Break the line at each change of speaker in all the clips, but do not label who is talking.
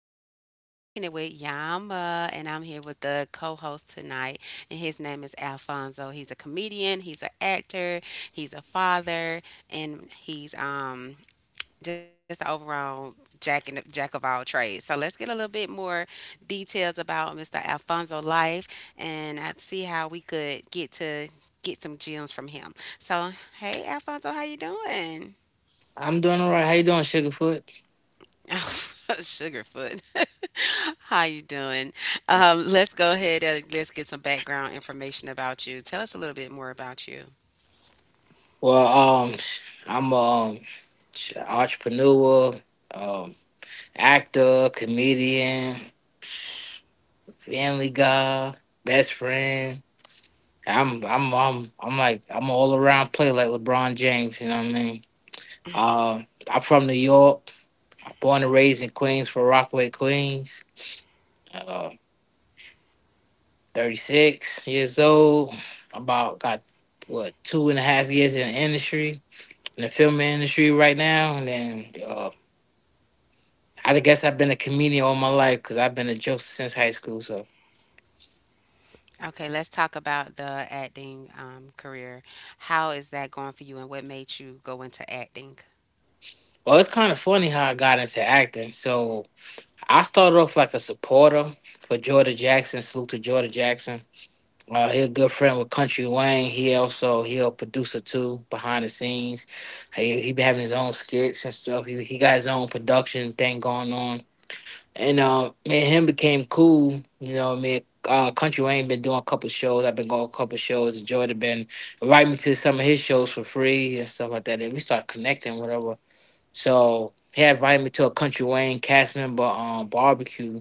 of Kicking It with Yama, and I'm here with the co-host tonight, and his name is Alfonso. He's a comedian, he's an actor, he's a father, and he's just the overall jack and jack of all trades. So let's get a little bit more details about Mr. Alfonso life, and I see how we could get to get some gems from him. So, hey, Alfonso, how you doing?
I'm doing all right. How you doing, Sugarfoot?
Sugarfoot. How you doing? Let's go ahead and let's get some background information about you. Tell us a little bit more about you.
Well, um, I'm entrepreneur, um, actor, comedian, family guy, best friend. I'm like I'm an all around player like LeBron James. You know what I mean? Uh, I'm from New York. Born and raised in Queens, for Rockaway, Queens. Uh, 36 years old. About got what 2.5 years in the industry in the film industry right now, and then I guess I've been a comedian all my life because I've been a joke since high school. So,
Okay, let's talk about the acting career. How is that going for you, and what made you go into acting?
well, it's kind of funny how I got into acting. So, I started off like a supporter for Jordan Jackson. Salute to Jordan Jackson. He's a good friend with Country Wayne. He also he a producer too behind the scenes. He been having his own skits and stuff. He got his own production thing going on. And me and him became cool. You know what I mean, Country Wayne been doing a couple shows. I've been going a couple shows. Joy have been inviting me to some of his shows for free and stuff like that. And we started connecting, whatever. So he had invited me to a Country Wayne cast member barbecue.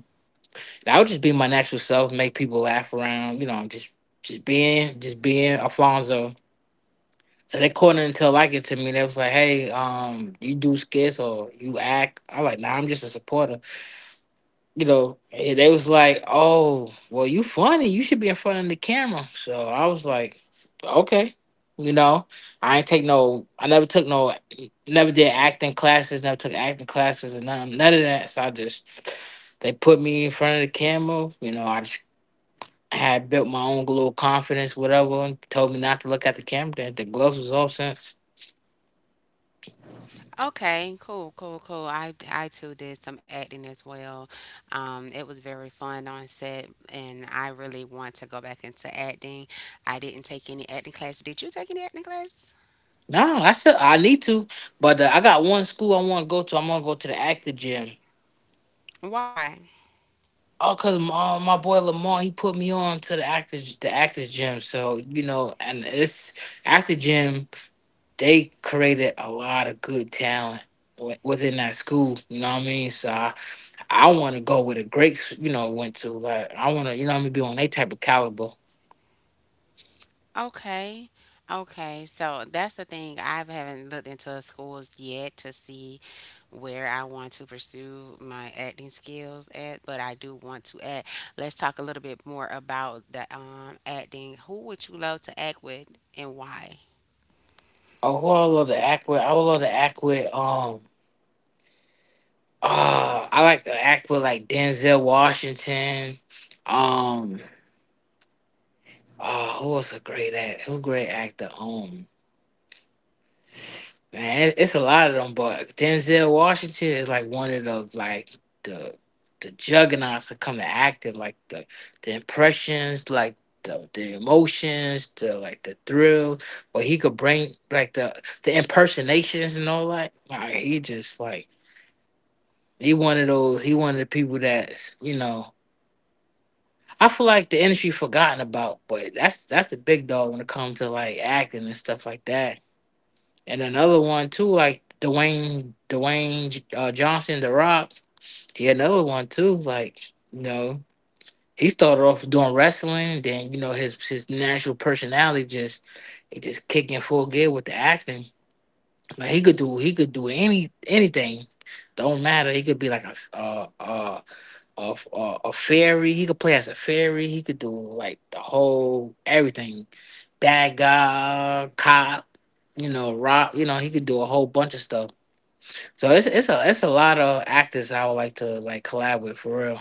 And I would just be my natural self, make people laugh around. You know, just being Alfonso. So they called it until like it to me. They was like, "Hey, you do skits or you act?" I was like, "Nah, I'm just a supporter." You know, and they was like, "Oh, well, you funny. You should be in front of the camera." So I was like, "Okay." You know, I ain't take no. I never took no. Never did acting classes. Never took acting classes and none of that. So I just they put me in front of the camera. You know, I just had built my own little confidence, whatever, and told me not to look at the camera. That the gloves was off since.
Okay, cool, cool, cool. I too did some acting as well. It was very fun on set, and I really want to go back into acting. I didn't take any acting classes. Did you take any acting classes?
No, I need to, but I got one school I want to go to. I'm gonna go to the actor gym.
Why?
Oh, cause my my boy Lamar, he put me on to the actors gym. So you know, and this actor gym, they created a lot of good talent within that school. You know what I mean? So I want to go where the greats, you know, went to. Like I want to, you know what I mean, be on that type of caliber.
Okay. Okay, so that's the thing. I haven't looked into schools yet to see where I want to pursue my acting skills at, but I do want to act. Let's talk a little bit more about the acting. Who would you love to act with and why?
Oh, who I love to act with? I would love to act with. I like to act with like Denzel Washington. Um, who was a great act? Who great actor? Man, it's a lot of them, but Denzel Washington is like one of those like the the juggernauts that come to acting, like the impressions, like the emotions, the like the thrill, or he could bring like the impersonations and all that. Like he just like he one of the people that's, you know, I feel like the industry forgotten about, but that's the big dog when it comes to like acting and stuff like that. And another one too, like Dwayne Johnson, The Rock. He had another one too. Like, you know, he started off doing wrestling, then you know his natural personality just it just kicked in full gear with the acting. Like he could do anything. Don't matter. He could be like a fairy. He could play as a fairy. He could do like the whole everything, bad guy, cop. You know, rock. You know, he could do a whole bunch of stuff. So it's a lot of actors I would like to like collab with for real.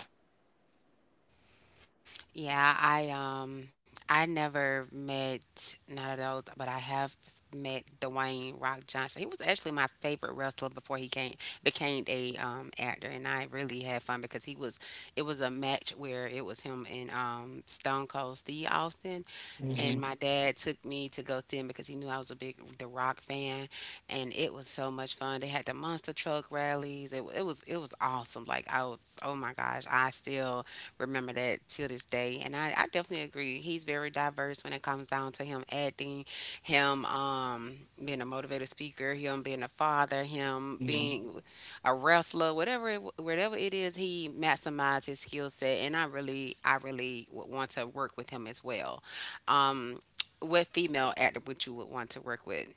Yeah, I I never met none of those, but I have met Dwayne Rock Johnson. He was actually my favorite wrestler before he came became a actor, and I really had fun because he was it was a match where it was him and Stone Cold Steve Austin,
hmm
and my dad took me to go see him because he knew I was a big The Rock fan, and it was so much fun. They had the monster truck rallies. It was it was awesome. Like I was, oh my gosh, I still remember that to this day. And I definitely agree. He's very diverse when it comes down to him acting, him being a motivated speaker, him being a father, him
hmm
being a wrestler, whatever it is, he maximized his skill set. And I really would want to work with him as well. Um, what female actor would you would want to work with?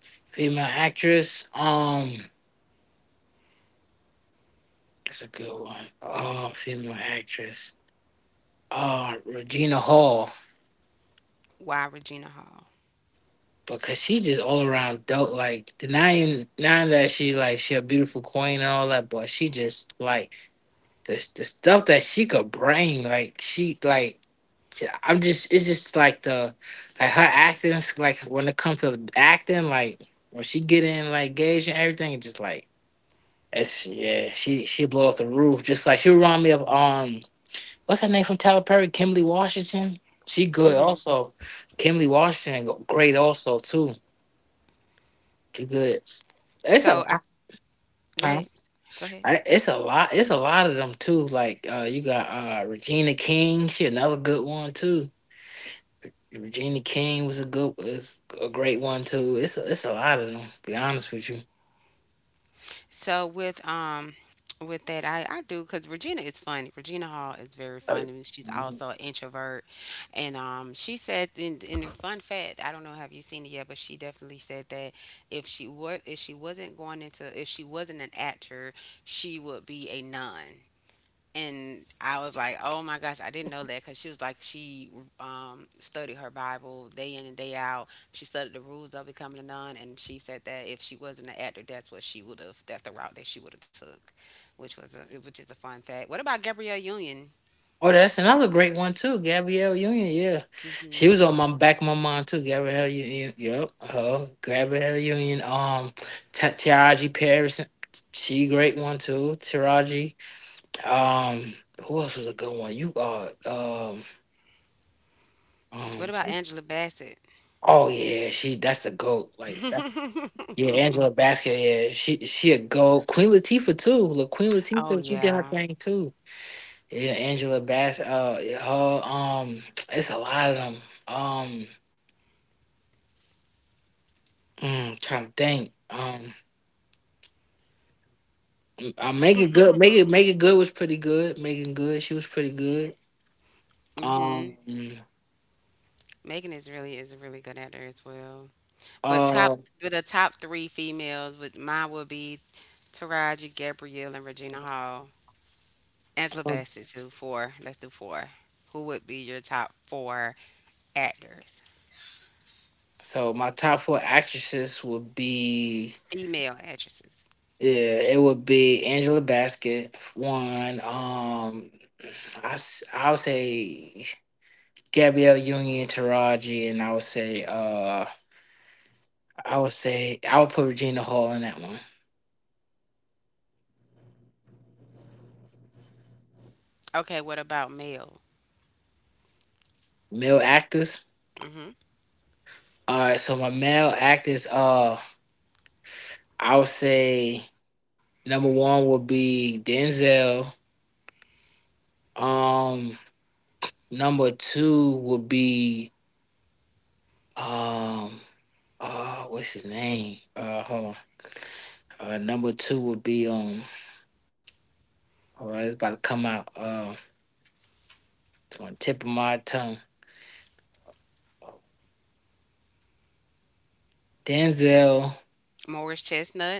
Female actress. That's a good one. Oh, female actress. Regina Hall.
Why Regina Hall?
Because she just all around dope. Like denying, even not that she like she a beautiful queen and all that, but she just like the stuff that she could bring. Like she like j- I'm just it's just like the like her acting. Like when it comes to the acting, like when she get in like gauge and everything, it just like it's, yeah, she blow off the roof. Just like she remind me of what's her name from Tyler Perry, Kimberly Washington. She good also. Kimberly Washington great also too. Too good. It's a
So I,
lot.
go
Huh?
ahead. Go ahead.
It's a lot. It's a lot of them too. Like you got Regina King. She another good one too. Regina King was a great one too. It's a lot of them, to be honest with you.
So with that I do, cuz Regina is funny. Regina Hall is very
Uh,
funny and she's also an introvert, and um, she said in the fun fact, I don't know, have you seen it yet? But she definitely said that if she wasn't going into if she wasn't an actor, she would be a nun. And I was like, "Oh my gosh, I didn't know that." Because she was like, she studied her Bible day in and day out. She studied the rules of becoming a nun, and she said that if she wasn't an actor, that's what she would have. That's the route that she would have took, which is a fun fact. What about Gabrielle Union?
Oh, that's another great one too. Gabrielle Union. Yeah, she was on my back of my mind too. Gabrielle Union. Yep. Her Gabrielle Union. Taraji Paris. She great one too. Taraji. Um, who else was a good one? You um
What about Angela Bassett?
Oh yeah, she that's the goat. Like that's, yeah, Angela Basket, yeah. She a goat. Queen Latifah too. Look, Queen
Oh
Latifah, she did her
yeah.
thing too. Yeah, Angela Bass her it's a lot of them. Um trying to think. Make it good was pretty good. Megan good, she was pretty good. Um
Mhm. Megan is a really good actor as well. But top
uh
but the top three females with mine would be Taraji, Gabrielle, and Regina Hall. Angela Bassett too. Four. Let's do four. Who would be your top four actors?
so my top four actresses would be,
Female actresses.
yeah, it would be Angela Bassett. One. I would say Gabrielle Union, Taraji, and I would put Regina Hall in that one.
Okay, what about male?
Male actors.
Hmm.
All right, so my male actors. I would say number one would be Denzel. Um, Number two would be um what's his name? Hold on. Number two would be Oh, it's about to come out. It's on the tip of my tongue. Denzel.
Morris Chestnut.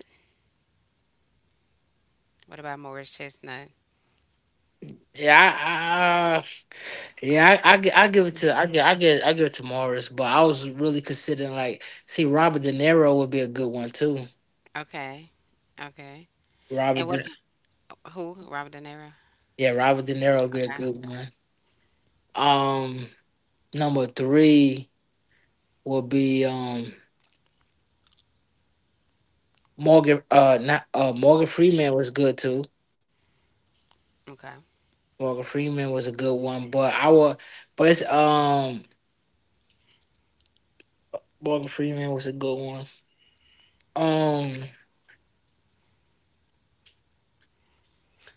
What about Morris Chestnut?
Yeah, I give it to, I give it to Morris, but I was really considering like see Robert De Niro would be a good one too.
Okay. Okay. And
Robert, De,
what, who? Robert De Niro.
yeah, Robert De Niro would be a
Okay.
good one. Um, Number three would be Morgan, not, Morgan Freeman was good too.
Okay.
Morgan Freeman was a good one, but I would but it's, Morgan Freeman was a good one. Um,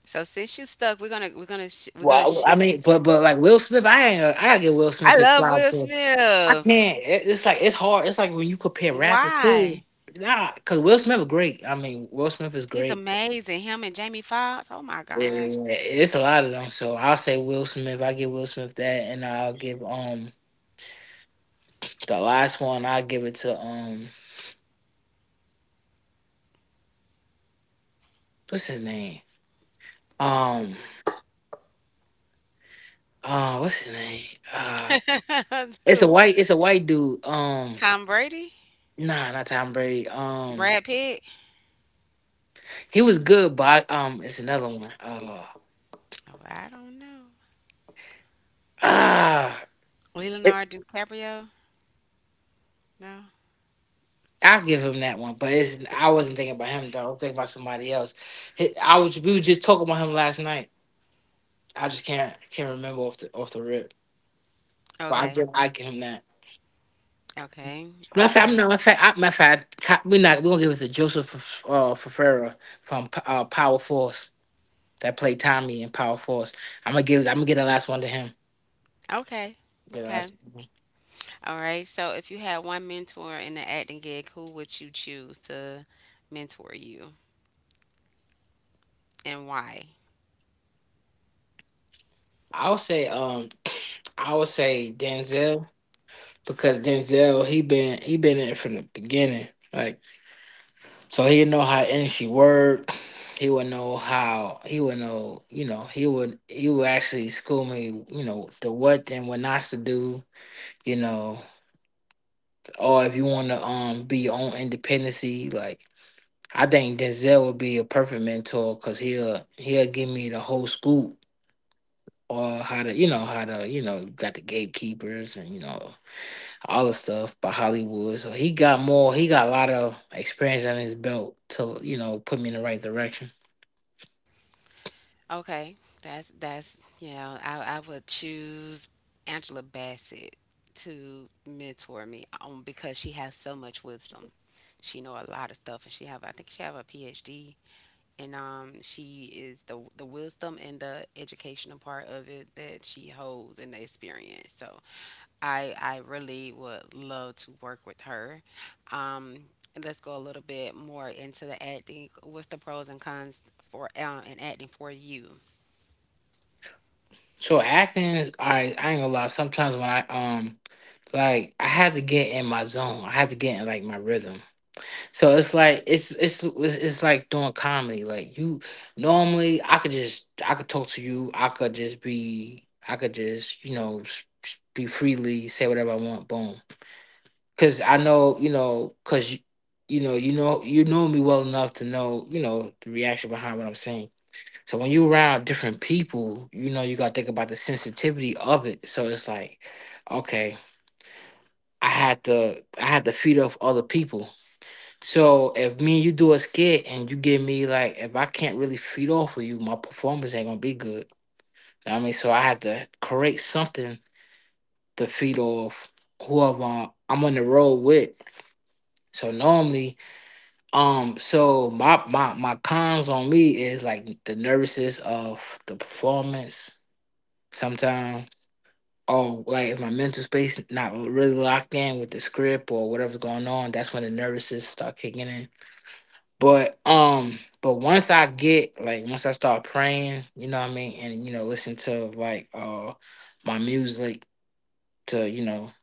So since you stuck, we're gonna
well, I
shift.
mean, but like Will Smith, I ain't. I gotta give Will Smith
I
his
love
flowers.
Will
So I
Smith.
can't. It's like it's hard. It's like when you compare rappers too.
Why?
Nah, cause Will Smith is great. I mean, Will Smith is
He's
great.
amazing. Him and Jamie Foxx. Oh my
Yeah,
gosh.
it's a lot of them. So I'll say Will Smith. I give Will Smith that, and I'll give the last one. I'll give it to what's his name? Um, what's his name? Uh, it's a
Dude.
white. It's a white dude.
Tom Brady,
Nah, not Tom Brady.
Brad Pitt.
He was good, but it's another one.
Oh, I don't know.
Ah, it,
Leonardo DiCaprio? No.
I'll give him that one. But I wasn't thinking about him though. I was thinking about somebody else. He- I was We were just talking about him last night. I just can't remember off the rip. But I
Okay.
give I give him that.
Okay.
Matter of fact,
Okay.
I'm not. Matter of fact, I, matter of fact, co- we're not. We're gonna give it to Joseph, Ferreira from, Power Force, that played Tommy in Power Force. I'm gonna give. I'm gonna get the last one to him.
Okay.
Get the
Okay.
last one to him.
All right. So if you had one mentor in the acting gig, who would you choose to mentor you and why?
I would say. I would say Denzel. Because Denzel he been in it from the beginning. Like so he know how industry work. He would know, you know, he would actually school me, you know, the what and what not to do, you know, or if you wanna be your own independency, like I think Denzel would be a perfect mentor because he'll give me the whole scoop or how to, you know, how to, you know, got the gatekeepers and, you know, all the stuff by Hollywood. So he got a lot of experience on his belt to, you know, put me in the right direction.
Okay. That's I would choose Angela Bassett to mentor me because she has so much wisdom. She know a lot of stuff and she have I think she have a PhD and she is the wisdom and the educational part of it that she holds and the experience. So I really would love to work with her. Um, and let's go a little bit more into the acting. What's the pros and cons for and acting for you?
So acting is, I ain't gonna lie, sometimes when I had to get in my zone. I had to get in like my rhythm. So it's like it's like doing comedy. Like you normally I could talk to you. I could just, you know, be freely, say whatever I want, boom. Because I know, you know, because you know me well enough to know, you know, the reaction behind what I'm saying. So when you around different people, you know, you gotta think about the sensitivity of it. So it's like, okay, I had to feed off other people. So if me and you do a skit and you give me like if I can't really feed off of you, my performance ain't gonna be good. I mean, so I had to create something to feed off whoever I'm on the road with. So normally so my cons on me is like the nervousness of the performance sometimes. Or like if my mental space not really locked in with the script or whatever's going on, that's when the nervousness start kicking in. But once I get like once I start praying, you know what I mean, and you know listen to like my music to, you know,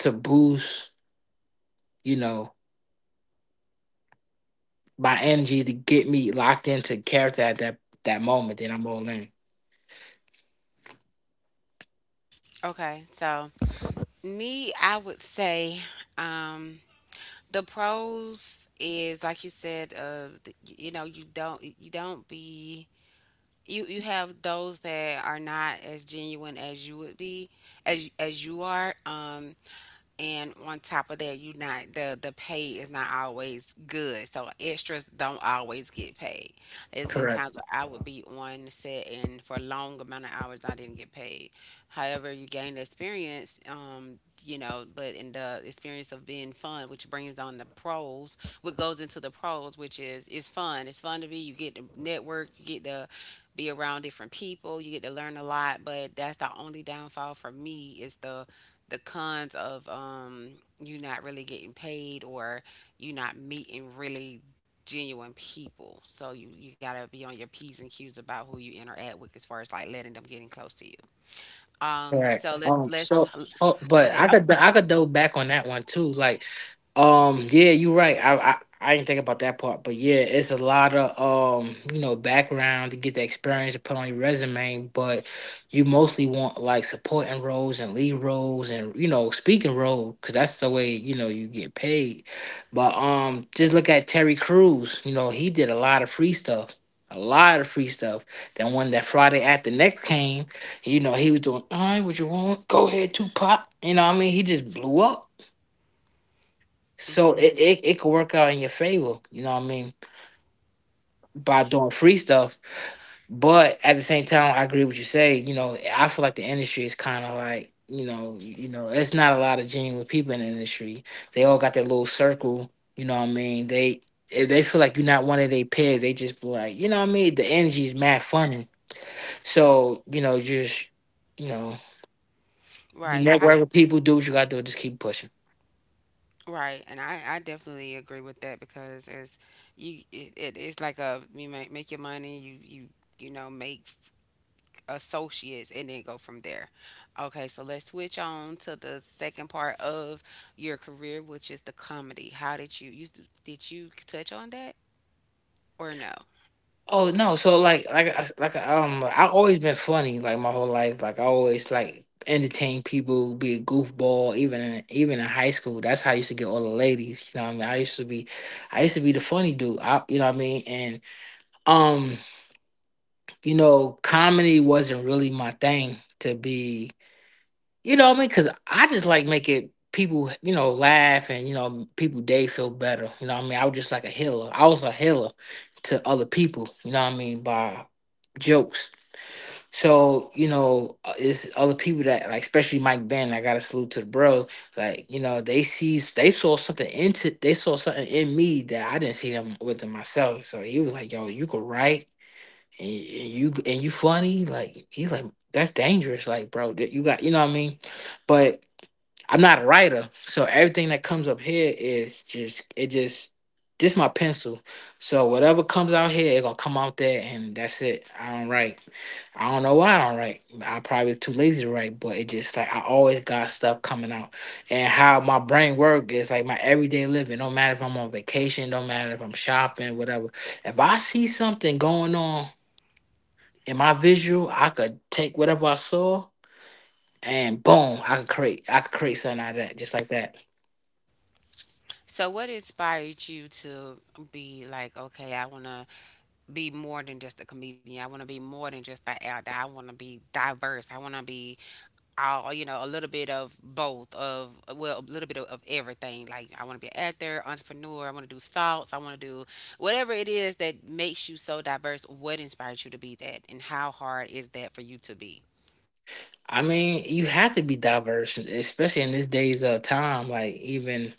to boost, you know, my energy to get me locked into character at that moment, then I'm all in.
Okay, so me, I would say um the pros is like you said, you know, you don't be, you have those that are not as genuine as you would be as you are. And on top of that, you not, the the pay is not always good, so extras don't always get paid. It's been times where
Correct.
I would be on set and for a long amount of hours I didn't get paid. However, you gain the experience, um, you know, but in the experience of being fun, which brings on the pros, what goes into the pros, which is it's fun. It's fun to be, you get to network, you get to be around different people, you get to learn a lot. But that's the only downfall for me, is the cons of you not really getting paid or you not meeting really genuine people. So you gotta be on your P's and Q's about who you interact with as far as like letting them getting close to you.
Correct.
So let's
So,
go
oh, but
ahead.
I
Oh,
could I could go back on that one too. Like Yeah, you're right. I didn't think about that part, but yeah, it's a lot of you know, background to get the experience to put on your resume, but you mostly want like supporting roles and lead roles and, you know, speaking role because that's the way you know you get paid. But just look at Terry Crews. You know, he did a lot of free stuff. A lot of free stuff. Then when that Friday After Next came, you know, he was doing, all right, what you want? Go ahead, Tupac. You know what I mean? He just blew up. So
hmm.
it could work out in your favor, you know what I mean, by doing free stuff. But at the same time, I agree with what you say. You know, I feel like the industry is kind of like, you know, you know, it's not a lot of genuine people in the industry. They all got their little circle, you know what I mean? They, if they feel like you're not one of their peers, they just be like, you know what I mean? The energy's mad funny. So, you know, just, you know, you
Right. I
network with people, do what you gotta do, just keep pushing.
right, and I definitely agree with that because as you it, it's like a, you make make your money, you know make associates and then go from there. Okay, so let's switch on to the second part of your career, which is the comedy. How did you did you touch on that or no?
Oh no, so like I always been funny like my whole life. Like I always like entertain people, be a goofball, even in high school. That's how I used to get all the ladies. You know what I mean? I used to be, I used to be the funny dude. I, you know what I mean? And um, you know, comedy wasn't really my thing to be, you know what I mean? Because I just like making people, you know, laugh and, you know, people day feel better. You know what I mean? I was just like a healer. I was a healer to other people, you know what I mean, by jokes. So, you know, it's other people that, like, especially Mike Ben, I got to salute to the bro. Like, you know, they saw something they saw something in me that I didn't see them within myself. So he was like, yo, you could write and you funny. Like, he's like, that's dangerous. Like, bro, you got, you know what I mean? But I'm not a writer, so everything that comes up here is just this my pencil. So whatever comes out here, it gonna come out there, and that's it. I don't write. I don't know why I don't write. I probably too lazy to write, but it just like I always got stuff coming out, and how my brain work is like my everyday living. Don't matter if I'm on vacation, don't matter if I'm shopping, whatever. If I see something going on in my visual, I could take whatever I saw and boom, I could create. I could create something out of that, just like that.
So what inspired you to be like, okay, I want to be more than just a comedian. I want to be more than just an actor. I want to be diverse. I want to be all, you know, a little bit of both of well, a little bit of everything. Like, I want to be an actor, entrepreneur, I want to do stocks, I want to do whatever it is that makes you so diverse. What inspired you to be that, and how hard is that for you to be?
I mean, you have to be diverse, especially in this day's time. Like even,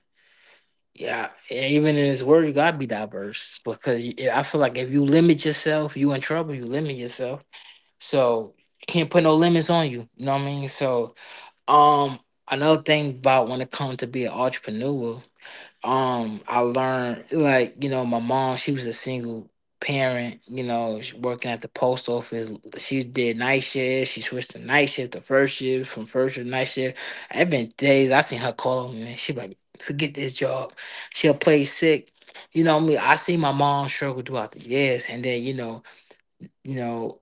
yeah, even in this world, you gotta be diverse because I feel like if you limit yourself, you in trouble. You limit yourself, so can't put no limits on you. You know what I mean? So, um, another thing about when it comes to be an entrepreneur, I learned, like, you know, my mom, she was a single parent. You know, she working at the post office. She did night shift. She switched to night shift to first shift from first shift to night shift I've been days I seen her call me and she like, forget this job, she'll play sick. You know me, I see my mom struggle throughout the years. And then, you know, you know,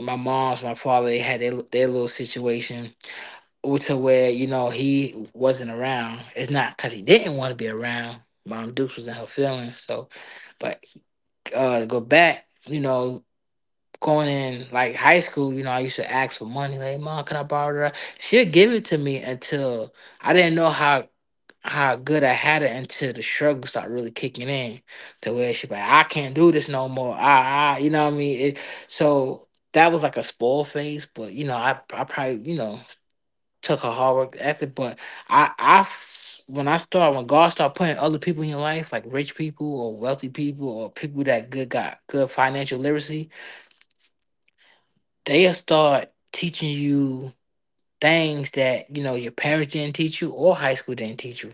my mom's my father, they had their little situation to where, you know, he wasn't around. It's not because he didn't want to be around. Mom Dukes was in her feelings. So, but to go back, you know, going in like high school, you know, I used to ask for money. Like, mom, can I borrow that? She'd give it to me until I didn't know how good I had it until the struggle started really kicking in, to where she like, I can't do this no more. I, you know what I mean? It, so that was like a spoil phase, but you know, I probably, you know, took her hard work ethic. But when I start when God start putting other people in your life, like rich people or wealthy people or people that good got good financial literacy, they'll start teaching you things that, you know, your parents didn't teach you or high school didn't teach you.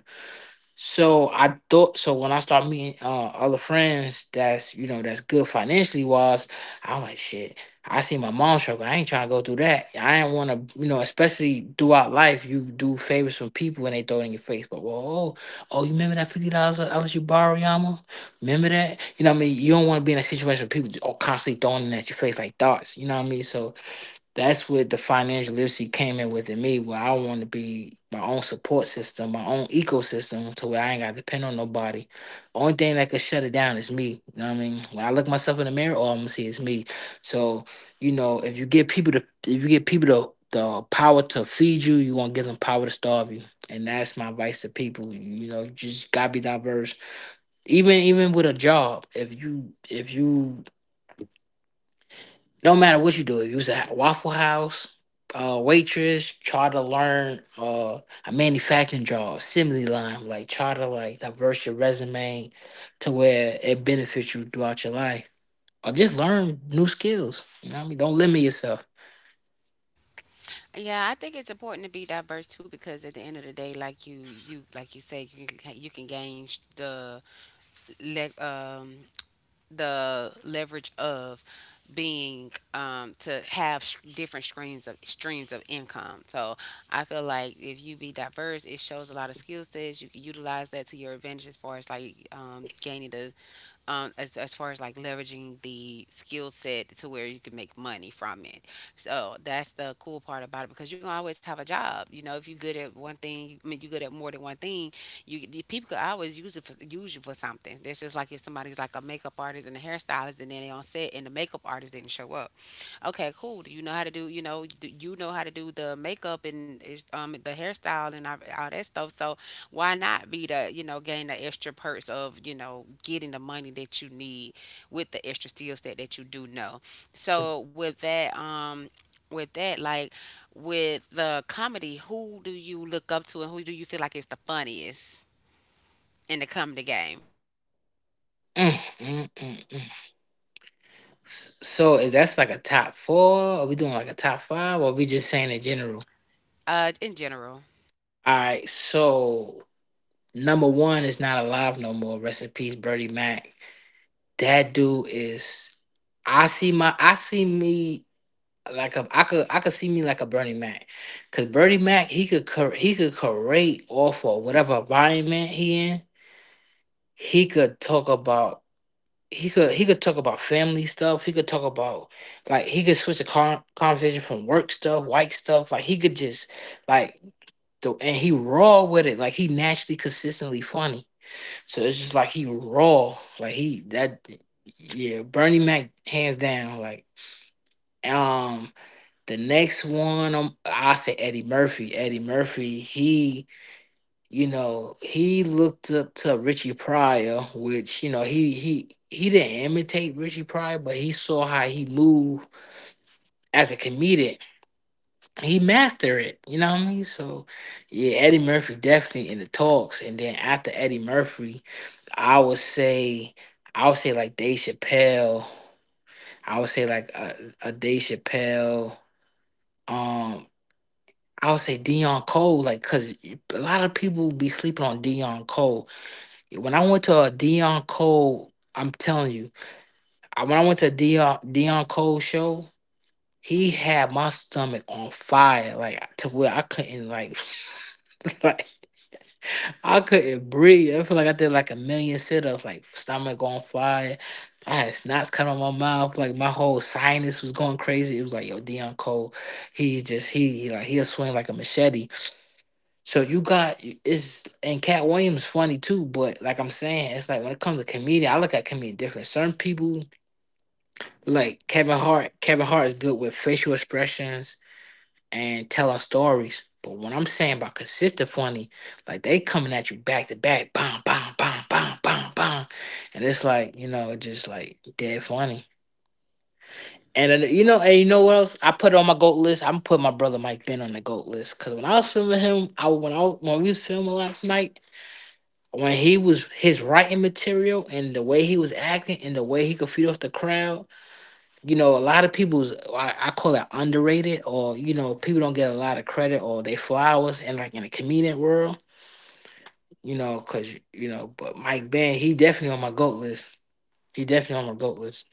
So I thought so when I start meeting other friends that's, you know, that's good financially wise, I'm like, shit. I see my mom struggle. I ain't trying to go through that. I ain't want to, you know, especially throughout life, you do favors from people and they throw it in your face. But, well, oh, oh, you remember that $50 I let you borrow, Yama? Remember that? You know what I mean? You don't want to be in a situation where people are constantly throwing it at your face like darts. You know what I mean? So that's what the financial literacy came in with in me, where I want to be my own support system, my own ecosystem, to where I ain't got to depend on nobody. Only thing that could shut it down is me. You know what I mean? When I look myself in the mirror, all I'm gonna see is me. So, you know, if you give people to if you give people to the power to feed you, you gonna give them power to starve you. And that's my advice to people. You know, you just gotta be diverse, even with a job. If you, if you, no matter what you do, if you was at Waffle House, waitress, try to learn a manufacturing job, assembly line, like try to like diverse your resume to where it benefits you throughout your life. Or just learn new skills. You know what I mean? Don't limit yourself.
Yeah, I think it's important to be diverse too because at the end of the day, like you like you said, you can gain sh- the le- um, the leverage of being to have s- different streams of income. So I feel like if you be diverse, it shows a lot of skill sets. You can utilize that to your advantage as far as like gaining the as far as like leveraging the skill set to where you can make money from it. So that's the cool part about it, because you can always have a job. You know, if you're good at one thing, I mean, you're good at more than one thing, you, the people could always use it for, use you for something. That's just like if somebody's like a makeup artist and a hairstylist, and then they on set and the makeup artist didn't show up. Okay, cool. Do you know how to do you know how to do the makeup and the hairstyle and all that stuff? So why not be the, you know, gain the extra perks of you know getting the money that you need with the extra skill set that you do know? So with that with that, like, with the comedy, who do you look up to, and who do you feel like is the funniest in the comedy game?
Mm, mm, mm, mm. So if that's like a top four, are we doing like a top five, or are we just saying in general?
Uh, in general.
All right, so number one is not alive no more. Rest in peace, Bertie Mac. That dude is. I see me like a, I could see me like a Bernie Mac, cause Bernie Mac, he could he could create off of whatever environment he in. He could talk about, he could talk about family stuff. He could talk about, like, he could switch a conversation from work stuff, white stuff. Like he could just like the and he raw with it. Like he naturally consistently funny. So it's just like he raw. Like he that, yeah, Bernie Mac, hands down, like. um. The next one, I say Eddie Murphy. Eddie Murphy, he, you know, he looked up to Richie Pryor, which, you know, he didn't imitate Richie Pryor, but he saw how he moved as a comedian. He mastered it. You know what I mean? So, yeah, Eddie Murphy definitely in the talks. And then after Eddie Murphy, I would say, I would say like Dave Chappelle. I would say like a Dave Chappelle. Um, I would say Dion Cole, like, cause a lot of people be sleeping on Dion Cole. Yeah, when I went to a Dion Cole, I'm telling you, when I went to a Dion Cole show, he had my stomach on fire, like to where I couldn't like, like I couldn't breathe. I feel like I did like a million sit ups, like stomach on fire. I had snots coming out my mouth, like my whole sinus was going crazy. It was like, yo, Dion Cole, he like he'll swing like a machete. So you got it's and Cat Williams funny too, but like I'm saying, it's like when it comes to comedian, I look at comedian different. Certain people like Kevin Hart. Kevin Hart is good with facial expressions and telling stories. But when I'm saying about consistent funny, like they coming at you back to back, bam, bam, bam, bam, bam, bam, and it's like you know, it's just like dead funny. And then, you know, and you know what else? I put it on my goat list. I'm put my brother Mike Ben on the goat list because when I was filming him, I when we was filming last night. When he was his writing material and the way he was acting and the way he could feed off the crowd, you know, a lot of people's I call it underrated or you know people don't get a lot of credit or they flowers and like in the comedian world, you know, because you know, but Mike Ben he definitely on my goat list. He definitely on my goat list.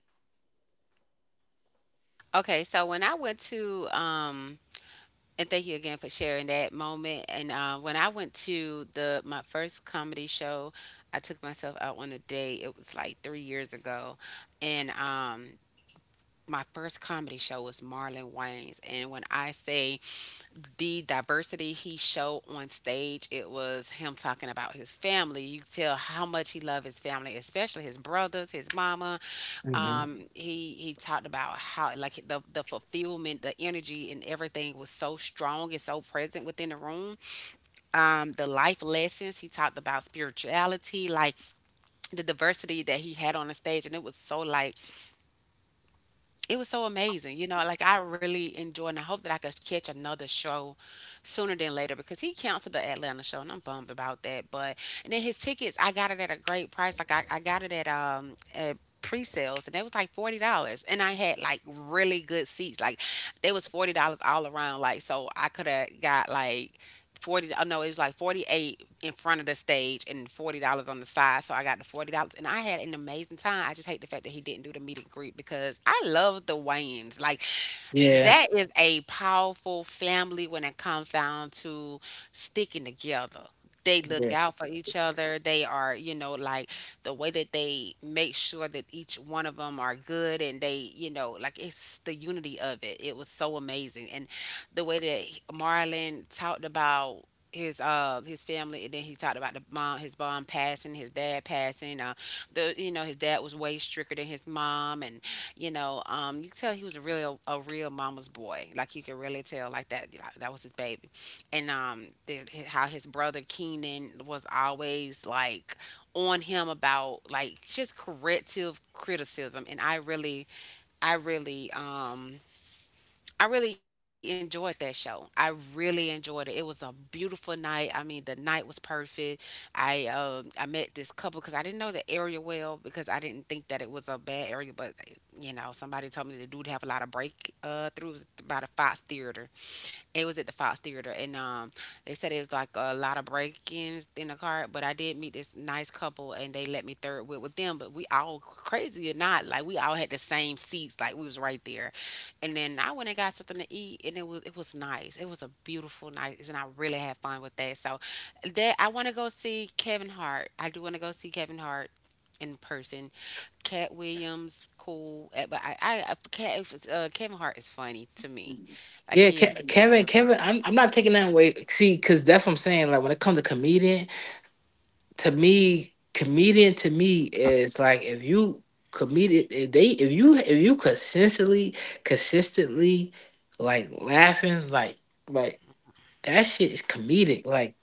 Okay, so when I went to um, and thank you again for sharing that moment. And when I went to the my first comedy show, I took myself out on a date. It was like 3 years ago, and my first comedy show was Marlon Wayne's. And when I say the diversity he showed on stage, it was him talking about his family. You could tell how much he loved his family, especially his brothers, his mama.
Hmm.
Um, he talked about how, like, the fulfillment, the energy and everything was so strong and so present within the room. Um, the life lessons, he talked about spirituality, like the diversity that he had on the stage, and it was so like, it was so amazing. You know, like, I really enjoyed, and I hope that I could catch another show sooner than later, because he canceled the Atlanta show and I'm bummed about that. But and then his tickets, I got it at a great price. I got it at pre-sales and they was like $40, and I had like really good seats. Like they was $40 all around, like so I could have got like 40. Oh no, it was like 48 in front of the stage and $40 on the side. So I got the $40, and I had an amazing time. I just hate the fact that he didn't do the meet and greet because I love the Wayans. Like
Yeah,
that is a powerful family when it comes down to sticking together. They look
yeah,
out for each other. They are, you know, like the way that they make sure that each one of them are good, and they, you know, like it's the unity of it. It was so amazing. And the way that Marlon talked about his family, and then he talked about the mom, his mom passing, his dad passing. The you know his dad was way stricter than his mom, and you could tell he was a real mama's boy. Like you could really tell, like that, like that was his baby, and the, how his brother Keenan was always like on him about like just corrective criticism, and I really um I really enjoyed that show. I really enjoyed it. It was a beautiful night. I mean, the night was perfect. I met this couple because I didn't know the area well because I didn't think that it was a bad area, but you know somebody told me they do have a lot of break throughs about a Fox Theater. It was at the Fox Theater, and they said it was like a lot of break-ins in the car. But I did meet this nice couple, and they let me third wheel with them. But we all crazy or not, like we all had the same seats, like we was right there. And then I went and got something to eat, and it was nice. It was a beautiful night, and I really had fun with that. So that I want to go see Kevin Hart. I do want to go see Kevin Hart in person. Cat Williams, cool, eh, but Kevin Hart is funny to me. Like
yeah.
he is.
Kevin,
Very funny.
Kevin, I'm not taking that away. See, because that's what I'm saying. Like when it comes to comedian. To me, comedian to me is like if you comedian if you consistently consistently like laughing like that shit is comedic, like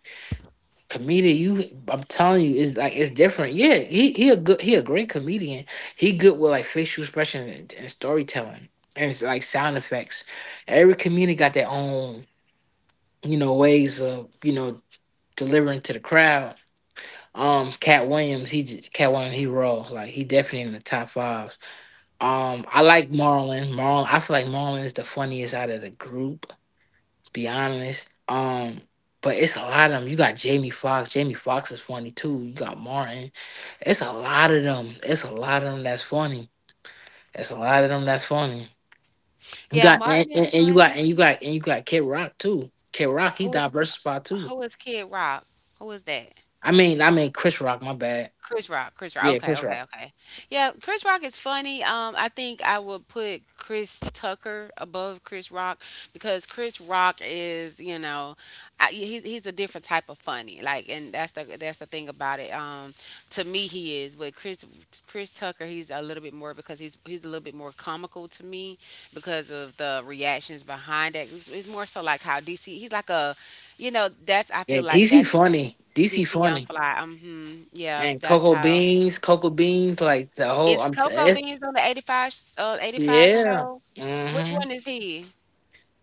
comedian you I'm telling you is like it's different. Yeah, he a great comedian. He good with like facial expressions and, storytelling and it's like sound effects. Every comedian got their own you know ways of you know delivering to the crowd. Cat Williams, he just Cat Williams, he raw. Like he definitely in the top five. I like Marlon. Marlon, I feel like Marlon is the funniest out of the group. Be honest. But it's a lot of them. You got Jamie Foxx. Jamie Foxx is funny too. You got Martin. It's a lot of them. It's a lot of them that's funny. It's a lot of them that's funny. You
Yeah,
got
Martin is
and you got
funny.
and you got and you got Kid Rock too. Kid Rock, he
Who is
diversified too.
who is Kid Rock? Who is that?
I mean Chris Rock. My bad.
Chris Rock, Chris Rock.
Yeah,
Okay,
Chris Rock.
okay, okay. Yeah, Chris Rock is funny. I think I would put Chris Tucker above Chris Rock because Chris Rock is, you know, he's a different type of funny. Like, and that's the thing about it. To me, he is, but Chris Tucker, he's a little bit more because he's a little bit more comical to me because of the reactions behind it. It's more so like how DC. He's like a, you know, that's I
Yeah,
feel like
DC
that's
funny. DC
DC Young
funny.
Fly. Mm-hmm. Yeah,
And
that's how.
cocoa beans, like the whole.
Is Coco Beans on the 85, 85
Yeah.
show? Which
Mm-hmm.
one is he?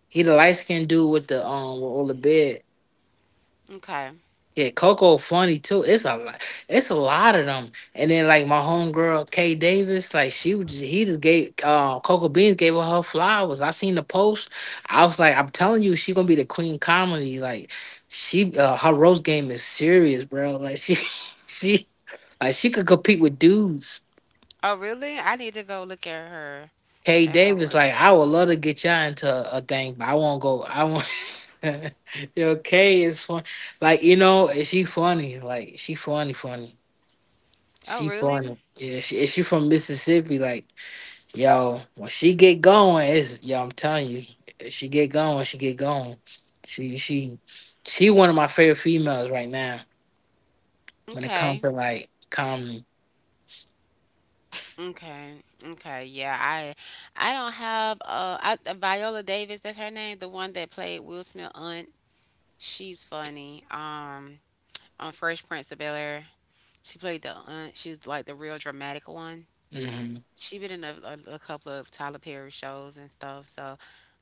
He the light skinned dude with the with all the beard.
Okay.
Yeah, Coco funny too. It's a lot. It's a lot of them. And then like my homegirl Kay Davis, like she was just, he just gave Coco Beans gave her her flowers. I seen the post. I was like, I'm telling you, she gonna be the queen comedy. Like she her roast game is serious, bro. Like she she like she could compete with dudes.
Oh, really? I need to go look
Kay
at her
Davis,
work.
like I would love to get y'all into a thing, but I won't go. I won't. Yo, Kay is fun. Like you know, she funny. Like she funny, funny.
Oh, really?
Yeah, she from Mississippi. Like yo, when she get going, it's yo. I'm telling you, she get going, she get going. She she one of my favorite females right now when it comes
Okay.
to like comedy.
Okay. Okay. Yeah, I don't have Viola Davis, that's her name, the one that played Will Smith aunt. She's funny. On Fresh Prince of Bel-Air. She played the aunt. She was like the real dramatic one.
Hmm.
She been in a couple of Tyler Perry shows and stuff. So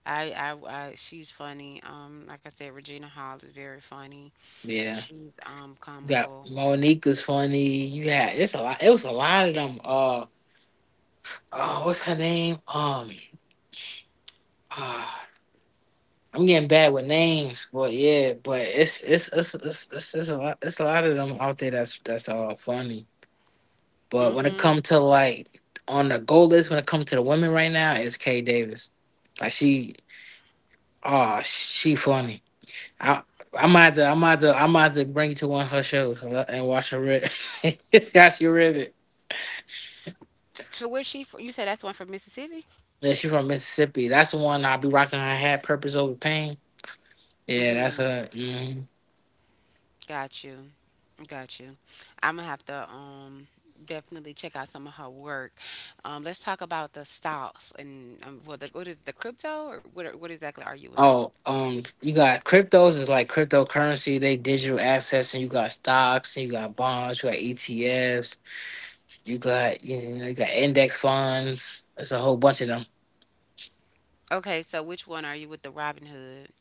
I she's funny. Like I said, Regina Hall is very funny.
Yeah,
She's
you got
comical.
Monica's funny. You had it's a lot. It was a lot of them. Oh, what's her name? Uh, I'm getting bad with names, but yeah, but it's a lot. It's a lot of them out there. That's all funny. But when it
Mm-hmm.
comes to like on the goal list, when it comes to the women right now, it's Kay Davis. Like she, oh, she funny. I. I might have to bring you to one of her shows and watch her rip. See how she rip it.
To where she? You said that's the one from Mississippi.
Yeah, she from Mississippi. That's the one I'll be rocking her hat, Purpose Over Pain. Yeah, that's
Mm-hmm.
her. Hmm.
Got you. Got you. I'm gonna have to definitely check out some of her work. Let's talk about the stocks and well, what is the crypto or what? What exactly are you in?
Oh, you got cryptos is like cryptocurrency. They digital assets, and you got stocks, and you got bonds, you got ETFs. You got you, know, you got index funds. There's a whole bunch of them.
Okay, so which one are you with the Robin Hood?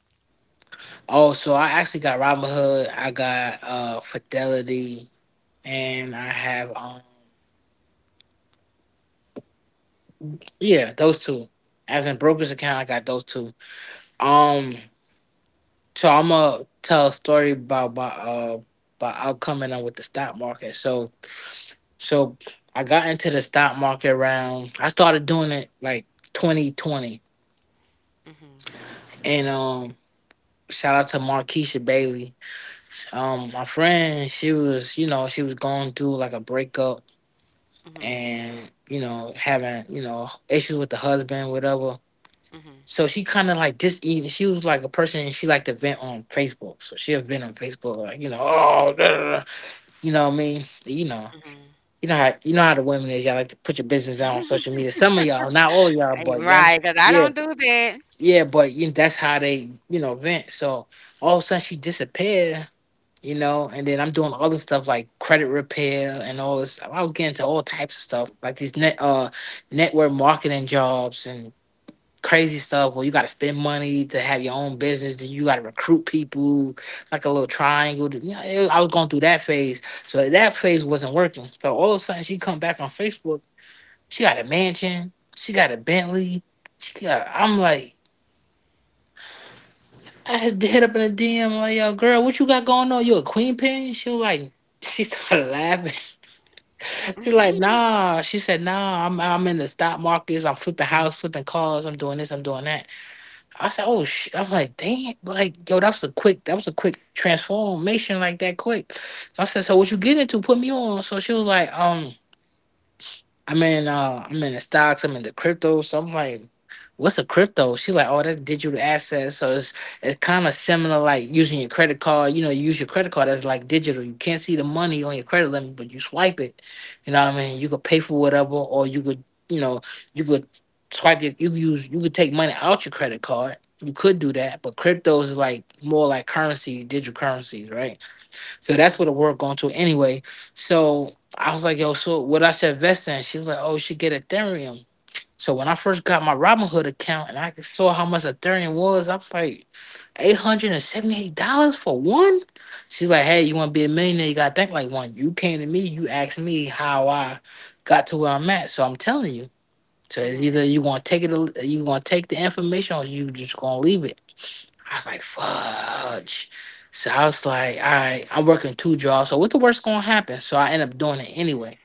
Oh, so I actually got Robinhood. I got Fidelity, and I have yeah those two. As in brokerage account, I got those two. Um, so I'm gonna tell a story about my about how coming on with the stock market. So I got into the stock market around. I started doing it like 2020,
Mm-hmm.
and shout out to Markeisha Bailey, my friend. She was you know she was going through like a breakup,
Mm-hmm.
and you know having you know issues with the husband whatever. So she kind of like this, she was like a person she liked to vent on Facebook. So she'll vent on Facebook like you know, oh, da, da, da," you know what I mean. You know,
Mm-hmm.
you know how the women is, y'all like to put your business out on social media. Some of y'all, not all of y'all,
Eh,
but y'all.
right, because I
Yeah,
don't do that.
yeah, but you that's how they you know vent. So all of a sudden she disappeared. You know, and then I'm doing other stuff like credit repair and all this. I was getting to all types of stuff, like these network marketing jobs and crazy stuff where you gotta spend money to have your own business, then you gotta recruit people, like a little triangle. You know, I was going through that phase. So that phase wasn't working. So all of a sudden she come back on Facebook, she got a mansion, she got a Bentley, she got I'm like I had to hit up in a DM like, yo, girl, what you got going on? You a queen pin? She was like she started laughing. She's like, nah. She said, nah. I'm in the stock markets. I'm flipping house, flipping cars. I'm doing this. I'm doing that. I said, oh shit. I'm like, dang. Like, yo, that was a quick. That was a quick transformation. Like that quick. So I said, so what you get into? Put me on. So she was like, I'm in the stocks, I'm in the crypto. So I'm like, what's a crypto? She's like, oh, that's digital assets. So it's kind of similar like using your credit card. You know, you use your credit card that's like digital. You can't see the money on your credit limit, but you swipe it. You know what I mean? You could pay for whatever, or you could, you know, you could swipe your you could take money out your credit card. You could do that, but cryptos is like more like currencies, digital currencies, right? So
Mhm.
that's where the work going to anyway. So I was like, yo, so what I should invest in? She was like, oh, you should get Ethereum. So when I first got my Robinhood account and I saw how much Ethereum was, I was like, $878 for one. She's like, hey, you want to be a millionaire? You got to think like one. You came to me, you asked me how I got to where I'm at. So I'm telling you. So it's
Mhm.
either you gonna take it, you gonna take the information, or you just gonna leave it. I was like, fudge. So I was like, all right, I'm working 2 jobs. So what the worst gonna happen? So I end up doing it anyway.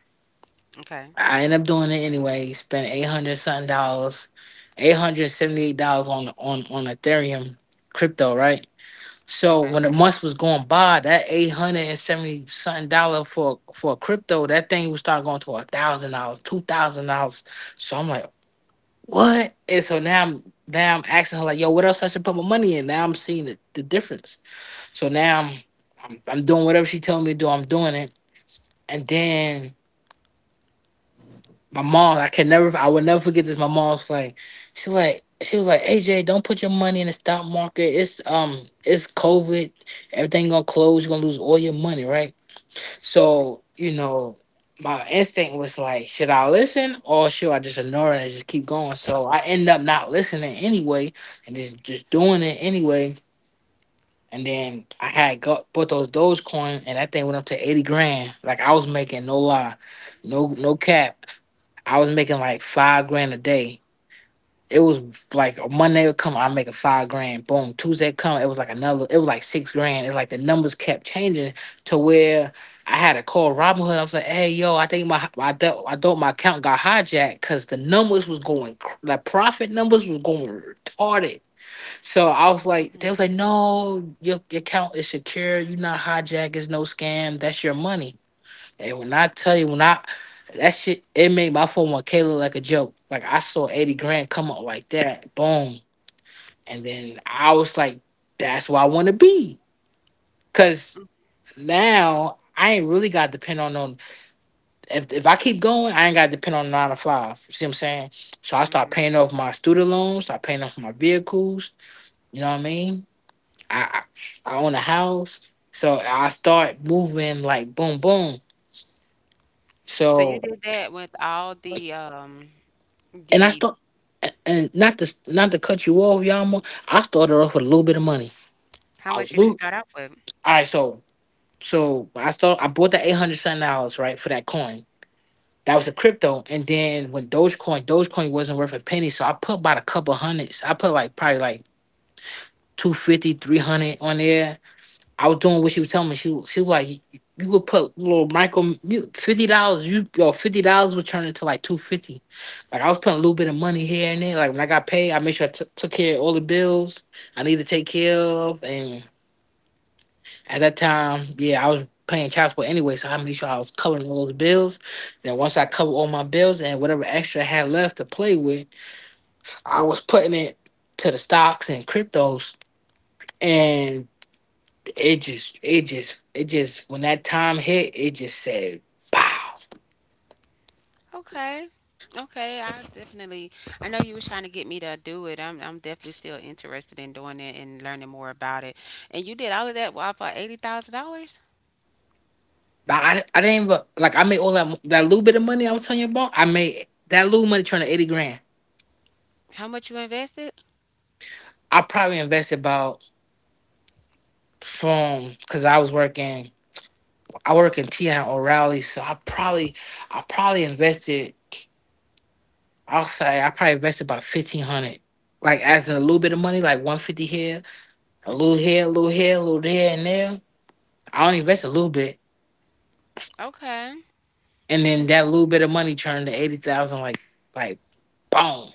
Okay.
I end up doing it anyway. Spent 800 something dollars, $878 on Ethereum crypto, right? So
Okay.
when the month was going by, that 870 something dollar for crypto, that thing would start going to $1,000, $2,000. So I'm like, what? And so now I'm asking her like, yo, what else I should put my money in? Now I'm seeing the difference. So now I'm doing whatever she telling me to do. I'm doing it. And then my mom, I can never, I would never forget this. My mom's like, she's like, she was like, AJ, don't put your money in the stock market. It's COVID. Everything gonna close. You're gonna lose all your money, right? So, my instinct was like, should I listen or should I just ignore it and just keep going? So I end up not listening anyway, and just doing it anyway. And then I had got bought those Dogecoin, and that thing went up to 80 grand. Like I was making, no lie, no cap. I was making like 5 grand a day. It was like a Monday would come, I make a 5 grand. Boom, Tuesday come, it was like another. It was like 6 grand. It's like the numbers kept changing to where I had to call Robinhood. I was like, "Hey, yo, I think my I thought my account got hijacked because the numbers was going, the profit numbers was going retarded." So I
Mhm.
was like, they was like, no, your account is secure. You're not hijacked. It's no scam. That's your money. And when I tell you, when I that shit, it made my phone with Kayla like a joke. Like I saw 80 grand come up like that, boom. And then I was like, that's where I want to be, cause now I ain't really got to depend on no. If I keep going, I ain't got to depend on nine to five. You see what I'm saying? So I start
Mhm.
paying off my student loans. Start paying off my vehicles. You know what I mean? I, I own a house, so I start moving like boom, boom.
So you
So
did that with all the
and I
the
start and not to cut you off, Yama. I started off with a little bit of money.
how
I
much did you
loot.
start out with?
All right, so I start. I bought the 800 something dollars, right, for that coin. That was
Mhm.
a crypto, and then when Dogecoin wasn't worth a penny, so I put about a couple hundreds. I put like probably like 250, 300 on there. I was doing what she was telling me. She was like, you could put little micro, $50. You yo $50 would turn into like 250. Like I was putting a little bit of money here and there. Like when I got paid, I made sure I took care of all the bills I needed to take care of. And at that time, yeah, I was paying child support anyway, so I made sure I was covering all those bills. Then once I covered all my bills and whatever extra I had left to play with, I was putting it to the stocks and cryptos. And it just when that time hit, it just said, pow.
Okay. Okay, I definitely. I know you was trying to get me to do it. I'm definitely still interested in doing it and learning more about it. And you did all of that while for $80,000.
Like, I didn't even like, I made all that little bit of money I was telling you about. I made that little money turned to 80 grand.
How much you invested?
I probably invested about, from, because I was working, I work in TI and O'Reilly, so I probably invested I'll say I probably invested about 1500, like, as in a little bit of money like 150 here, a little
Mhm.
here a little here a little there and there. I only
Mhm.
invested a little bit.
Okay.
And then
Mm.
that little bit of money turned to 80,000, like boom.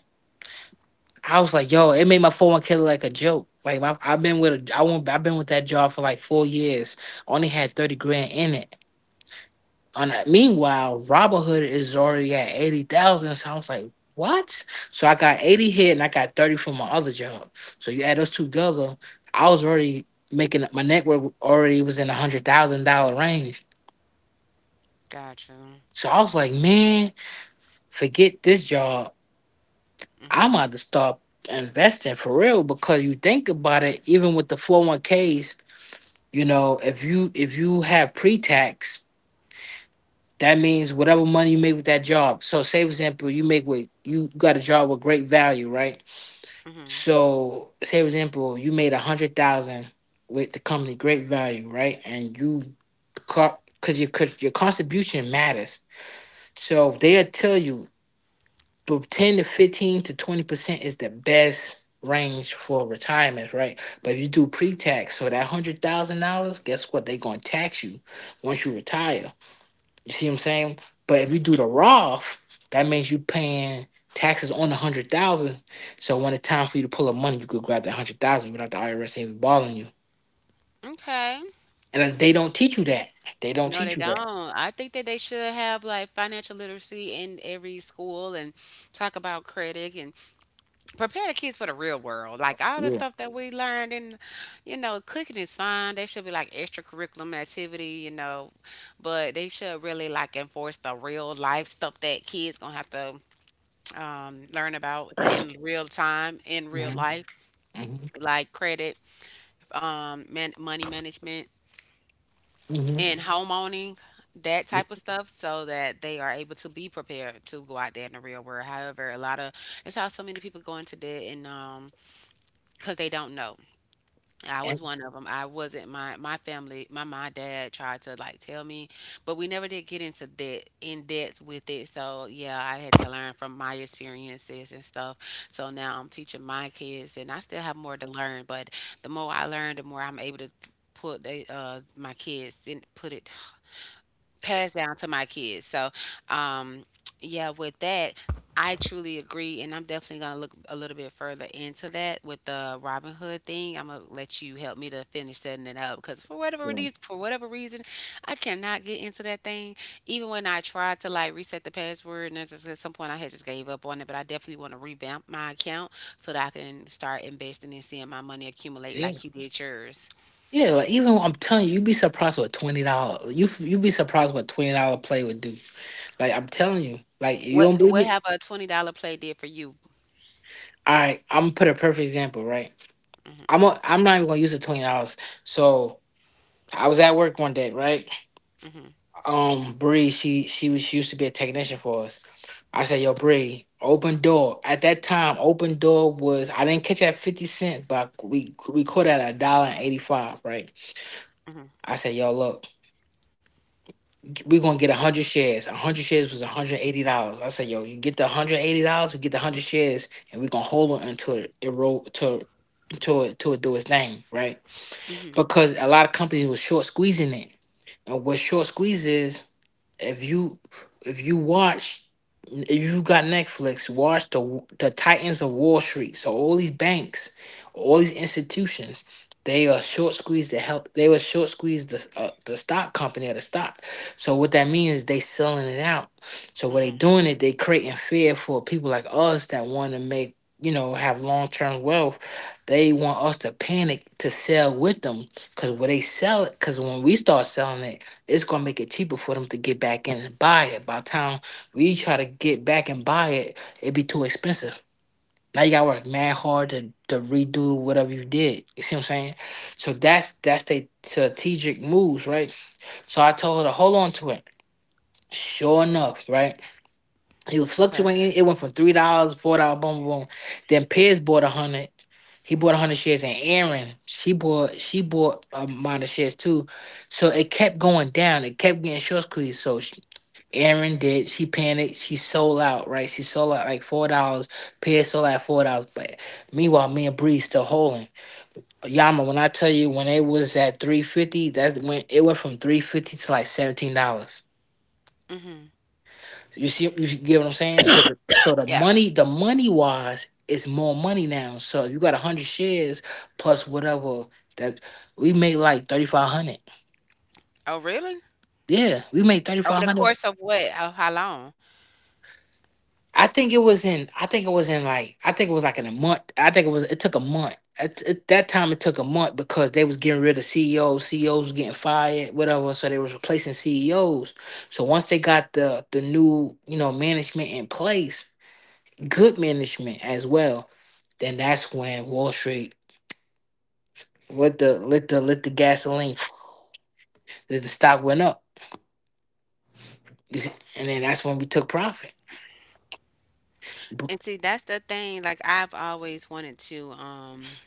I was like, yo, it made my 401k look like a joke. I've been with that job for like 4 years. Only had 30 grand in it. On that, meanwhile, Robinhood is already at 80,000. So I was like, what? So I got 80 here and I got 30 from my other job. So you add those two together, I was already making my network already was in $100,000 range.
Gotcha.
So I was like, man, forget this job. I'm
Mhm.
about to start investing for real because you think about it, even with the 401ks, you know, if you have pre-tax, that means whatever money you make with that job. So say for example, you got a job with great value, right?
Mhm.
So say for example, you made a hundred thousand with the company great value, right? And you because your contribution matters. So they'll tell you but 10 to 15 to 20% is the best range for retirements, right? But if you do pre-tax, so that $100,000, guess what? They're going to tax you once you retire. You see what I'm saying? But if you
Mhm.
do the Roth, that means you paying taxes on the 100,000. So when it's time for you to pull up money, you could grab that 100,000 without the IRS even bothering you.
Okay.
And they don't teach you that. They don't
No, they
teach you that.
don't. I think that they should have like financial literacy in every school, and talk about credit and prepare the kids for the real world. Like all the
Yeah.
stuff that we learned, and you know, cooking is fine. They should be like extracurriculum activity, you know, but they should really like enforce the real life stuff that kids gonna have to learn about in real time, in real
Hmm.
life, like credit, money management
Hmm.
and home owning, that
Hmm.
type of stuff so that they are able to be prepared to go out there in the real world. However, a lot of it's how so many people go into debt, and because they don't know. I
And,
was one of them. I wasn't. My family, my dad tried to like tell me, but we never did get into debt in depth with it. So yeah, I had to learn from my experiences and stuff. So now I'm teaching my kids, and I still have more to learn, but the more I learn, the more I'm able to put they my kids and put it, pass down to my kids. So, um, yeah, with that, I truly agree, and I'm definitely gonna look a little bit further into that with the Robin Hood thing. I'm gonna let you help me to finish setting it up because for whatever reason, I cannot get into that thing. Even when I tried to like reset the password, and that's just, at some point I had just gave up on it. But I definitely want to revamp my account so that I can start investing and seeing my money accumulate
yeah.
like you did yours.
Yeah, like even what I'm telling you, you'd be surprised what $20. You'd be surprised what $20 play would do. Like I'm telling you, like you
What
don't believe
what
me.
have a $20 play did for you?
All right, I'm gonna put a perfect example. Right, I'm not even gonna use the $20. So I was at work one day, right? Bree, she used to be a technician for us. I said, yo, Bree, open door. At that time, open door was I didn't catch it at 50 cent, but we caught it at a dollar and 85, right?
Hmm.
I said, yo, look, we're gonna get 100 shares. 100 shares was $180. I said, yo, you get the $180, we get the 100 shares, and we're gonna hold on until it roll to, to it do its thing, right?
Hmm.
Because a lot of companies were short squeezing it, and what short squeeze is. If you if you watch if you got Netflix, watch the Titans of Wall Street. So all these banks, all these institutions, they are short squeezed the help. They were short squeezed the stock company or the stock. So what that means is they selling it out. So what they
Hmm.
doing it, they creating fear for people like us that want to make, have long term wealth. They want us to panic to sell with them because when they sell it, because when we start selling it it's gonna make it cheaper for them to get back in and buy it. By the time we try to get back and buy it, it'd be too expensive. Now you gotta work mad hard to redo whatever you did. You see what I'm saying? So that's they strategic moves, right? So I told her to hold on to it. Sure enough, right? He was
Okay.
fluctuating. It went from $3, $4, boom, boom, boom. Then Piers bought 100. He bought 100 shares, and Aaron, she bought a amount of shares too. So it kept going down. It kept getting short squeezed. So she, Aaron did. She panicked. She sold out. Right. She sold out like $4. Piers sold out at $4. But meanwhile, me and Bree still holding. Yama, when I tell you, when it was at 3.50, that went it went from 3.50 to like $17.
Mhm.
You see, you get what I'm saying. So, so
Yeah.
the money wise, is more money now. So if you got 100 shares plus whatever, that we made like 3,500.
Oh, really?
Yeah, we made thirty
Over
five
the
hundred.
course of what? How long?
I think it was in. I think it was in like. I think it was like in a month. I think it was. It took a month. At that time, it took a month because they was getting rid of CEOs. CEOs was getting fired, whatever. So they was replacing CEOs. So once they got the new, management in place, good management as well, then that's when Wall Street lit the gasoline. The stock went up, and then that's when we took profit.
And see, that's the thing. Like I've always wanted to.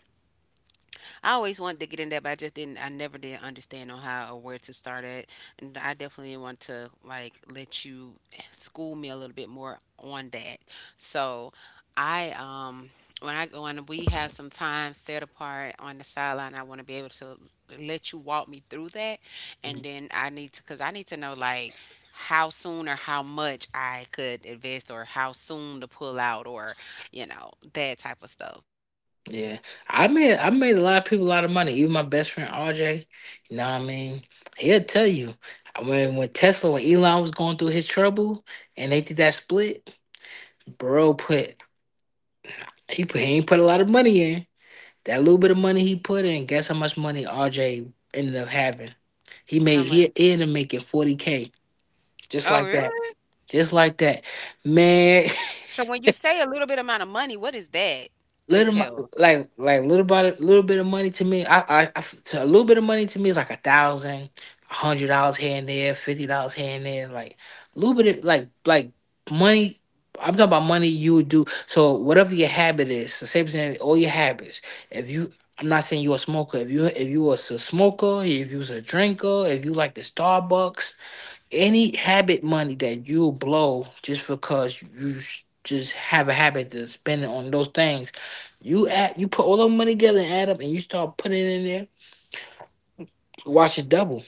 I always wanted to get in that, but I just didn't. I never did understand on how or where to start at, and I definitely want to like let you school me a little bit more on that. So, I when I when we have some time set apart on the sideline, I want to be able to let you walk me through that, and then I need to because I need to know like how soon or how much I could invest, or how soon to pull out, or you know that type of stuff.
Yeah, I made a lot of people a lot of money. Even my best friend RJ, you know what I mean? He'll tell you when Elon was going through his trouble and they did that split. Bro put he put he ain't put a lot of money in. That little bit of money he put in, guess how much money RJ ended up having? He
How
made
much?
he ended up making 40K, just
Oh,
like that,
really?
just like that, man.
So when you say a little bit amount of money, what is that?
little mo-
Until,
like little bit of money to me. I to A little bit of money to me is like a thousand, $100 here and there, $50 here and there. Like a little bit of money. I'm talking about money you would do. So whatever your habit is, so say for example, all your habits. If you, I'm not saying you're a smoker. If you was a smoker, if you was a drinker, if you like the Starbucks, any habit money that you blow just because you just have a habit to spend it on those things, you add, you put all the money together and add up, and you start putting it in there. Watch it double.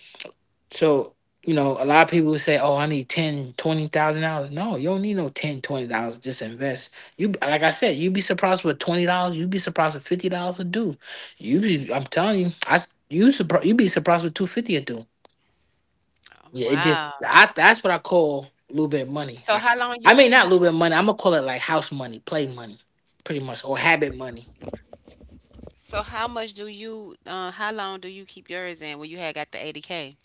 So you know, a lot of people say, "Oh, I need $10,000, $20,000." No, you don't need no $10,000, $20,000. Just invest. You Like I said, you'd be surprised with $20. You'd be surprised with $50 a do. I'm telling you, you surprised. You'd be surprised with $250 a do. Yeah, it
wow.
just I that's what I call a little bit of money.
So
Like
how long you
not a
ho
little bit of money, I'm gonna call it like house money, play money, pretty much, or habit money.
so how much do you how long do you keep yours in when you had got the 80K?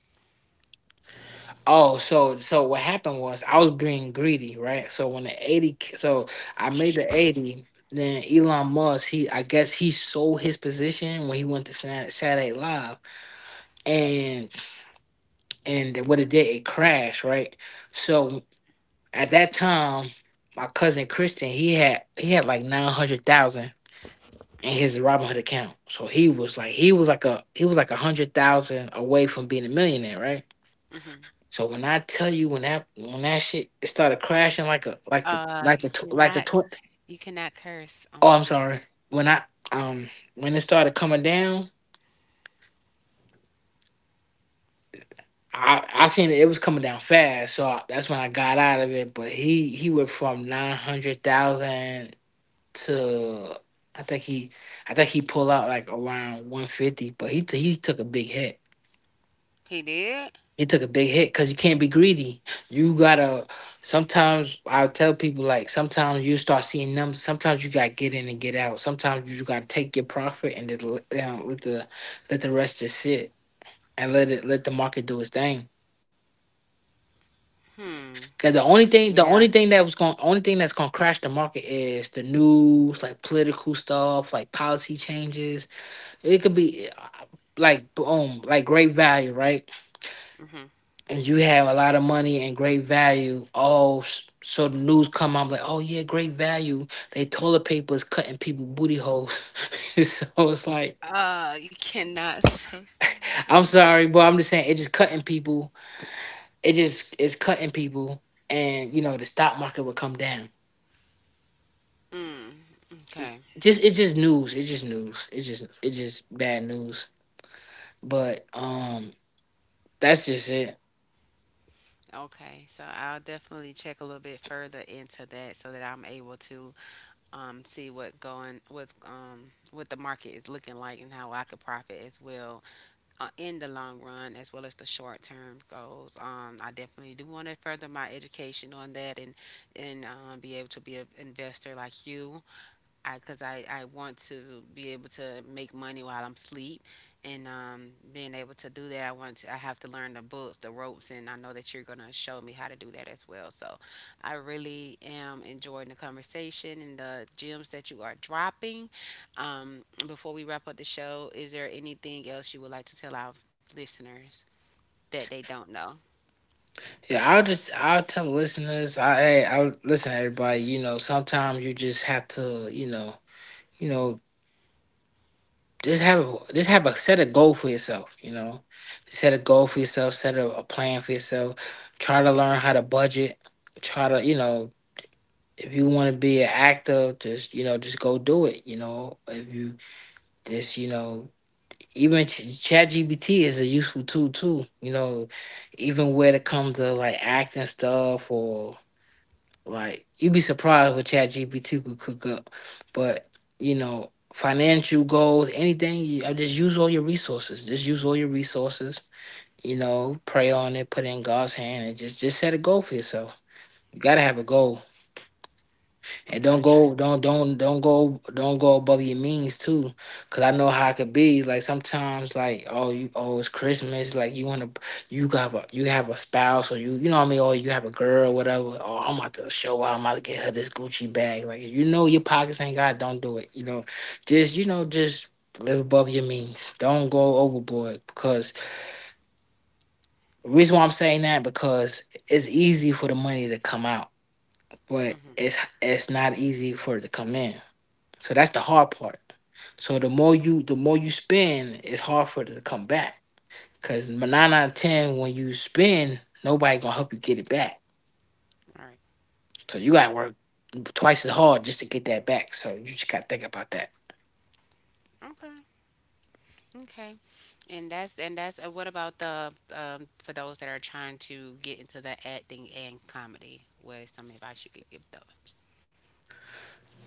Oh, so what happened was I was being greedy, right? So when the 80 I made the 80, then Elon Musk, he I guess he sold his position when he went to Saturday Night Live, and and what it did, it crashed, right? So at that time, my cousin Christian, he had like 900,000 in his Robinhood account. So he was like 100,000 away from being a millionaire, right?
Mhm.
So when I tell you, when that shit it started crashing like a
Uh, you
like the
cannot
tw-
you cannot curse on
oh, I'm
here.
sorry, when I um when it started coming down, I seen it, it was coming down fast, so that's when I got out of it. But he went from 900,000 to, I think he I think he pulled out like around 150, but he took a big hit.
He did?
He took a big hit because you can't be greedy. You gotta. Sometimes I tell people, like, sometimes you start seeing numbers. Sometimes you gotta get in and get out. Sometimes you just gotta take your profit and then let the rest just sit and let the market do its thing.
Hmm.
Cause
Yeah.
the only thing that was going only thing that's gonna crash the market is the news, like political stuff, like policy changes. It could be like boom, like great value, right?
Hmm.
And you have a lot of money and great value. Oh, so the news come out like, oh yeah, great value. They toilet paper is cutting people booty holes. So it's like,
You cannot say stuff like
I'm
that.
sorry, but I'm just saying it just cutting people. It's cutting people, and you know the stock market will come down.
Mm, okay.
Just it's just news. It's just news. It's just bad news. But that's just it.
Okay, so I'll definitely check a little bit further into that so that I'm able to see what going what's what the market is looking like, and how I could profit as well in the long run, as well as the short term goals. I definitely do want to further my education on that, and be able to be an investor like you. I because I want to be able to make money while I'm asleep, and being able to do that, I have to learn the books, the ropes, and I know that you're gonna show me how to do that as well. So I really am enjoying the conversation and the gems that you are dropping. Before we wrap up the show, is there anything else you would like to tell our listeners that they don't know?
Yeah, I'll tell the listeners. I'll listen to everybody. You know, sometimes you just have to, you know just have a set a goal for yourself. Set a goal for yourself. Set a plan for yourself. Try to learn how to budget. Try to you know If you want to be an actor, just go do it. You know if you just you know Even chat gbt is a useful tool too. Even when it comes to like acting stuff, or like you'd be surprised what ChatGPT could cook up. But, you know, financial goals, anything, I just use all your resources. Just use all your resources. You know, pray on it, put it in God's hand, and just set a goal for yourself. You got to have a goal. And
Gotcha.
don't go above your means too, cause I know how it could be. Like sometimes, like, oh, oh, it's Christmas. Like you want to, you have a spouse, or you know what I mean, or you have a girl, whatever. Oh, I'm about to show out. I'm about to get her this Gucci bag. Like, you know, your pockets ain't got. Don't do it. You know, just live above your means. Don't go overboard, because the reason why I'm saying that because it's easy for the money to come out, but
Mm-hmm.
it's not easy for it to come in. So that's the hard part. So the more you spend, it's hard for it to come back. Cause nine out of ten, when you spend, nobody gonna help you get it back.
All right.
So you gotta work twice as hard just to get that back. So you just gotta think about that.
Okay. Okay. And that's what about the for those that are trying to get into the acting and comedy? What is some advice you could give those?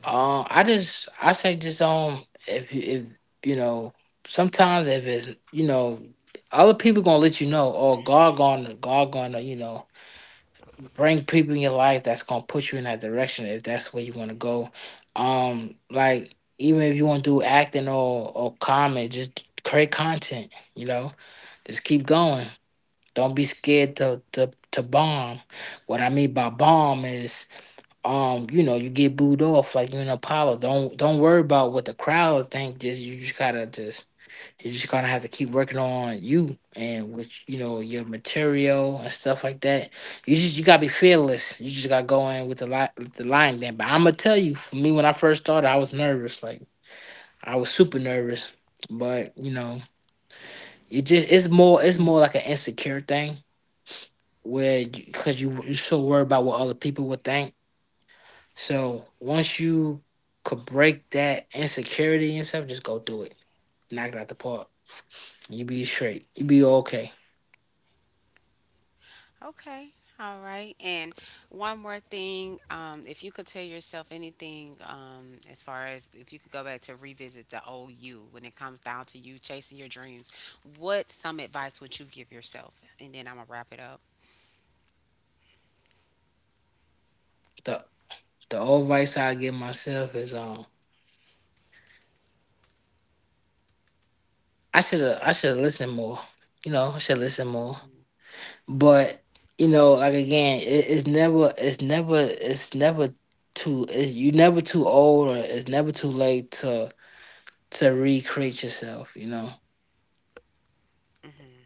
I just I say, just if you know, sometimes, if it's you know other people gonna let you know, oh, God gonna, you know, bring people in your life that's gonna put you in that direction if that's where you want to go. Like, even if you want to do acting or comedy, just create content. You know, just keep going. Don't be scared to bomb. What I mean by bomb is, you know, you get booed off like you're an Apollo. Don't worry about what the crowd think. Just gotta, just you're just gonna have to keep working on you and which you know, your material and stuff like that. You gotta be fearless. You just gotta go in with the line then. But I'm gonna tell you, for me when I first started, I was nervous. Like I was super nervous. But you know, it's more like an insecure thing, where because 'cause you're so worried about what other people would think. So once you could break that insecurity and stuff, just go do it. Knock it out the park. You be straight. You be okay.
Okay. All right. And one more thing, if you could tell yourself anything, as far as if you could go back to revisit the old you when it comes down to you chasing your dreams, what some advice would you give yourself? And then I'm gonna wrap it up.
The The old advice I give myself is, um, I should have listened more. You know, I should listen more. But you know, like again, it's never too, it's you never too old, or it's never too late to recreate yourself. You know,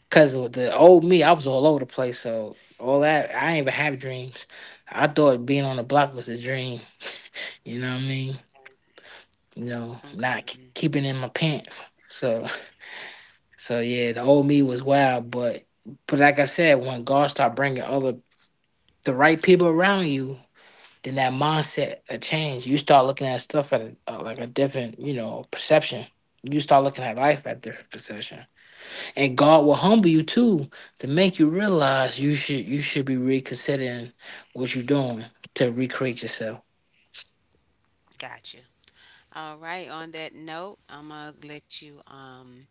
because the old me, I was all over the place. So all that, I ain't even have dreams. I thought being on the block was a dream. You know what I mean? You know, not
Okay.
keeping in my pants. So so yeah, the old me was wild, but like I said, when God start bringing other the right people around you, then that mindset a change. You start looking at stuff at a, like a different, you know, perception. You start looking at life at different perception, and God will humble you too to make you realize you should be reconsidering what you're doing to recreate yourself.
Gotcha. All right. On that note, I'm gonna let you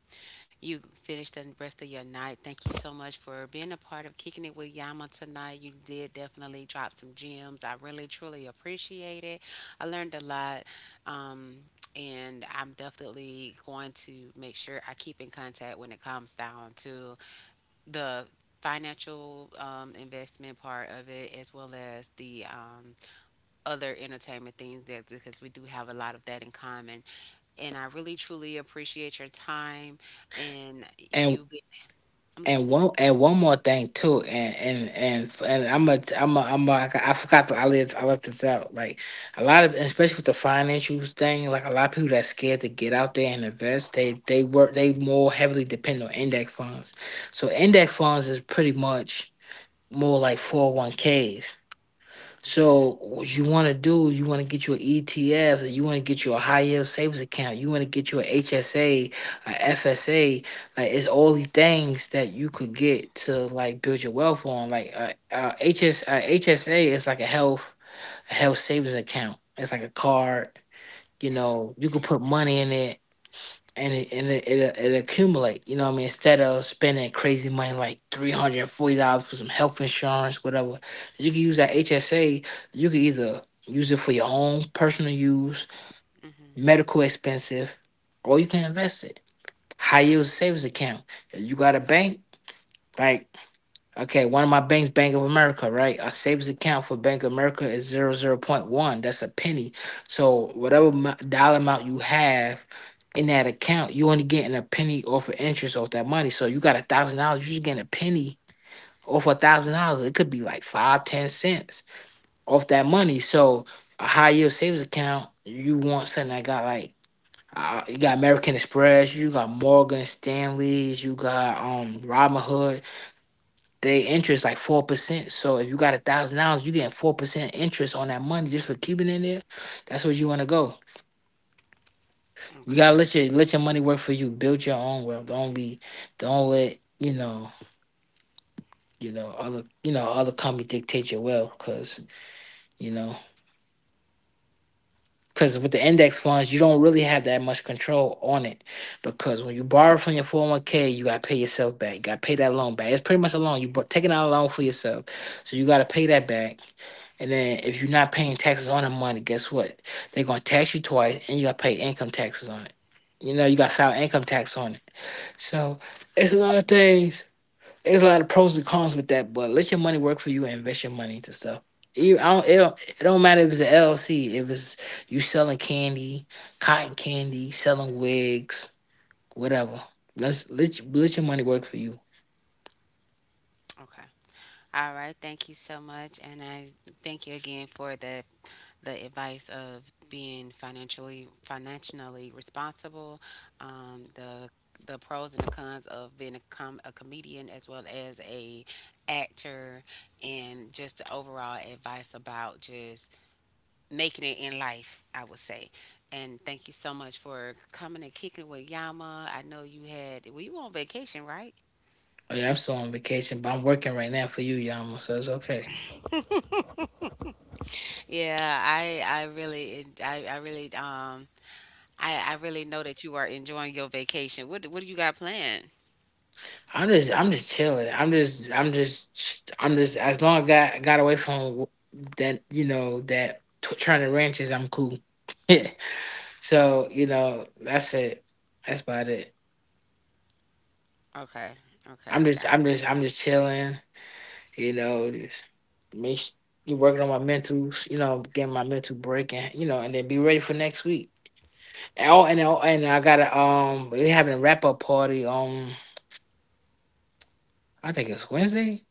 you finished the rest of your night. Thank you so much for being a part of Kicking It with Yama tonight. You did definitely drop some gems. I really, truly appreciate it. I learned a lot. Um, and I'm definitely going to make sure I keep in contact when it comes down to the financial investment part of it, as well as the other entertainment things that because we do have a lot of that in common. And I really truly appreciate your time and
And.
you being I'm
And
listening.
one more thing too, and f- and I forgot to, I left this out. Like, a lot of, especially with the financials thing, like a lot of people that's scared to get out there and invest, they more heavily depend on index funds. So index funds is pretty much more like 401ks. So what you want to do, you want to get your ETF, you want to get your high yield savings account, you want to get your HSA, a FSA. Like, it's all these things that you could get to like build your wealth on. Like HSA is like a health savings account. It's like a card. You know, you could put money in it, and it accumulate. You know what I mean? Instead of spending crazy money like $340 for some health insurance, whatever, you can use that HSA. You can either use it for your own personal use, medical expensive, or you can invest it. High yield savings account. If you got a bank, right? Okay, one of my banks, Bank of America, right? Our savings account for Bank of America is 0.01. That's a penny. So whatever dollar amount you have in that account, you only getting a penny off of interest off that money. So you got $1,000, you're just getting a penny off $1,000. It could be like five, 10 cents off that money. So a high yield savings account, you want something that got like you got American Express, you got Morgan Stanley's, you got Robinhood. They interest like 4%. So if you got $1,000, you getting 4% interest on that money just for keeping it in there. That's where you want to go. You
Okay.
gotta let your money work for you. Build your own wealth. Don't be don't let other other company dictate your wealth because you know. Because with the index funds, you don't really have that much control on it. Because when you borrow from your 401k, you got to pay yourself back. You got to pay that loan back. It's pretty much a loan. You're taking out a loan for yourself. So you got to pay that back. And then if you're not paying taxes on the money, guess what? They're going to tax you twice and you got to pay income taxes on it. You know, you got to file income tax on it. So it's a lot of things there's a lot of pros and cons with that, but let your money work for you and invest your money into stuff. You, I don't, it, don't, it don't matter if it's an LLC, if it's you selling candy, cotton candy, selling wigs, whatever. Let your money work for you.
Okay. All right. Thank you so much. And I thank you again for the advice of being financially responsible, um, the the pros and the cons of being a comedian as well as a actor, and just the overall advice about just making it in life, I would say. And thank you so much for coming and kicking with Yama. I know you had, well, you were on vacation, right?
Oh yeah, I'm still on vacation, but I'm working right now for you, Yama. So it's okay.
Yeah, I really I really I really know that you are enjoying your vacation. What do you got planned?
I'm just chilling. I'm just I'm just I'm just as long as got away from that that turning ranches, I'm cool. So you know, that's it. That's about it.
Okay, okay, I got
I'm just chilling. You know, just make s- working on my mentals. You know, getting my mental break, and you know, and then be ready for next week. And I got to we having a wrap up party on. I think it's Wednesday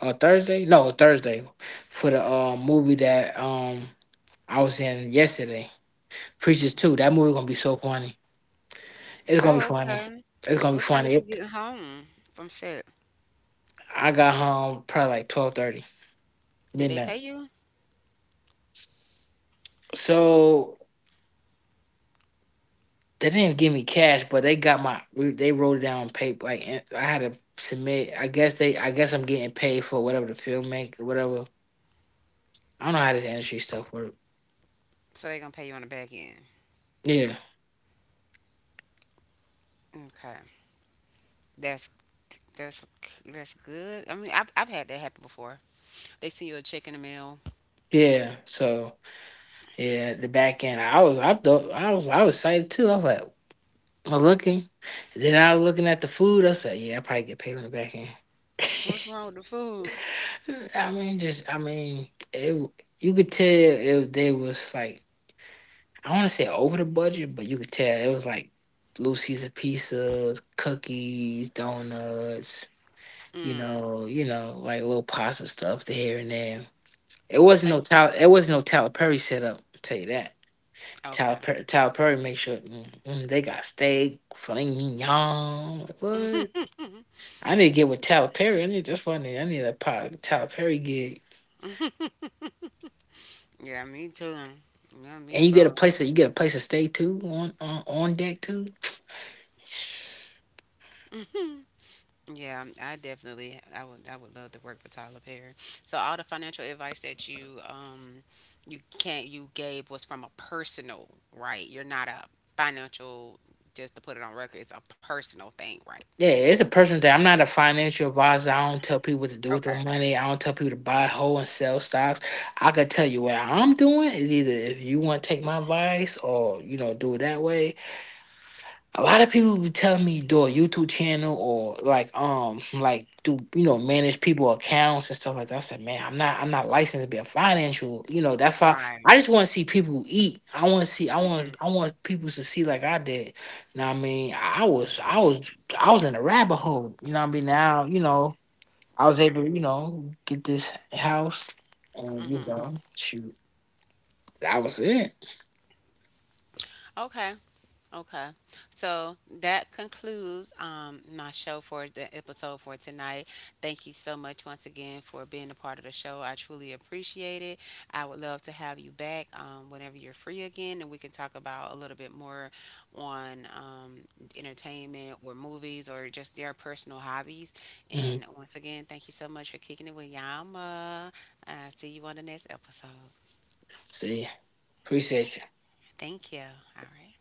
or Thursday. No, Thursday for the movie that I was in yesterday.
you.
Preachers
Hmm.
too. That movie gonna be so funny. It's gonna be
Oh,
funny.
okay.
It's gonna be
What time did
funny.
you get home from set?
I got home probably like 12:30.
Did they
Midnight.
pay you?
So they didn't give me cash, but they got my they wrote it down on paper. Like and I had to submit. I guess they. I guess I'm getting paid for whatever the film make or whatever. I don't know how this industry stuff work.
So they gonna pay you on the back end.
Yeah,
Okay. That's that's that's good. I mean, I've had that happen before. They send you a check in the mail.
yeah. So yeah, the back end. I was. I thought. I was. I was excited too. I was like. I'm looking, then I was looking at the food. I said, "Yeah, I probably get paid on the back end."
What's wrong with the food?
I mean, it, you could tell if they was like I don't want to say over the budget, but you could tell it was like Lucy's Caesar pizzas, cookies, donuts. Like little pasta stuff to here and there. It wasn't no
It's
Tyler. It wasn't no Tyler Perry setup. I'll tell you that.
okay.
Tyler Perry make sure mm, mm, they got steak, filet mignon. Like, what? I need to get with Tyler Perry. I need that's what I need. I need a pot Tyler Perry gig.
Yeah, me too. No, me
And
bro.
you get a place to stay too on on deck too.
Yeah, I definitely I would love to work for Tyler Perry. So all the financial advice that you you can't you gave was from a personal right. You're not a financial, just to put it on record. It's a personal thing, right?
Yeah, it's a personal thing. I'm not a financial advisor. I don't tell people what to do
Okay.
with their money. I don't tell people to buy, hold, and sell stocks. I could tell you what I'm doing is either if you want to take my advice or you know do it that way, a lot of people be telling me do a YouTube channel or like do you know manage people accounts and stuff like that. I said, man, I'm not licensed to be a financial. You know that's why
Right.
I just want to see people eat.
Mhm.
I want people to see like I did. Now I mean I was in a rabbit hole. You know what I mean now you know I was able
Mhm.
to you know get this house and you
Mhm.
know shoot that was it.
Okay. Okay. So that concludes my show for the episode for tonight. Thank you so much once again for being a part of the show. I truly appreciate it. I would love to have you back whenever you're free again, and we can talk about a little bit more on entertainment or movies or just their personal hobbies.
Mhm.
And once again, thank you so much for kicking it with Yama. Uh, see you on the next episode.
See.
Okay.
Appreciate you.
Thank you. All right.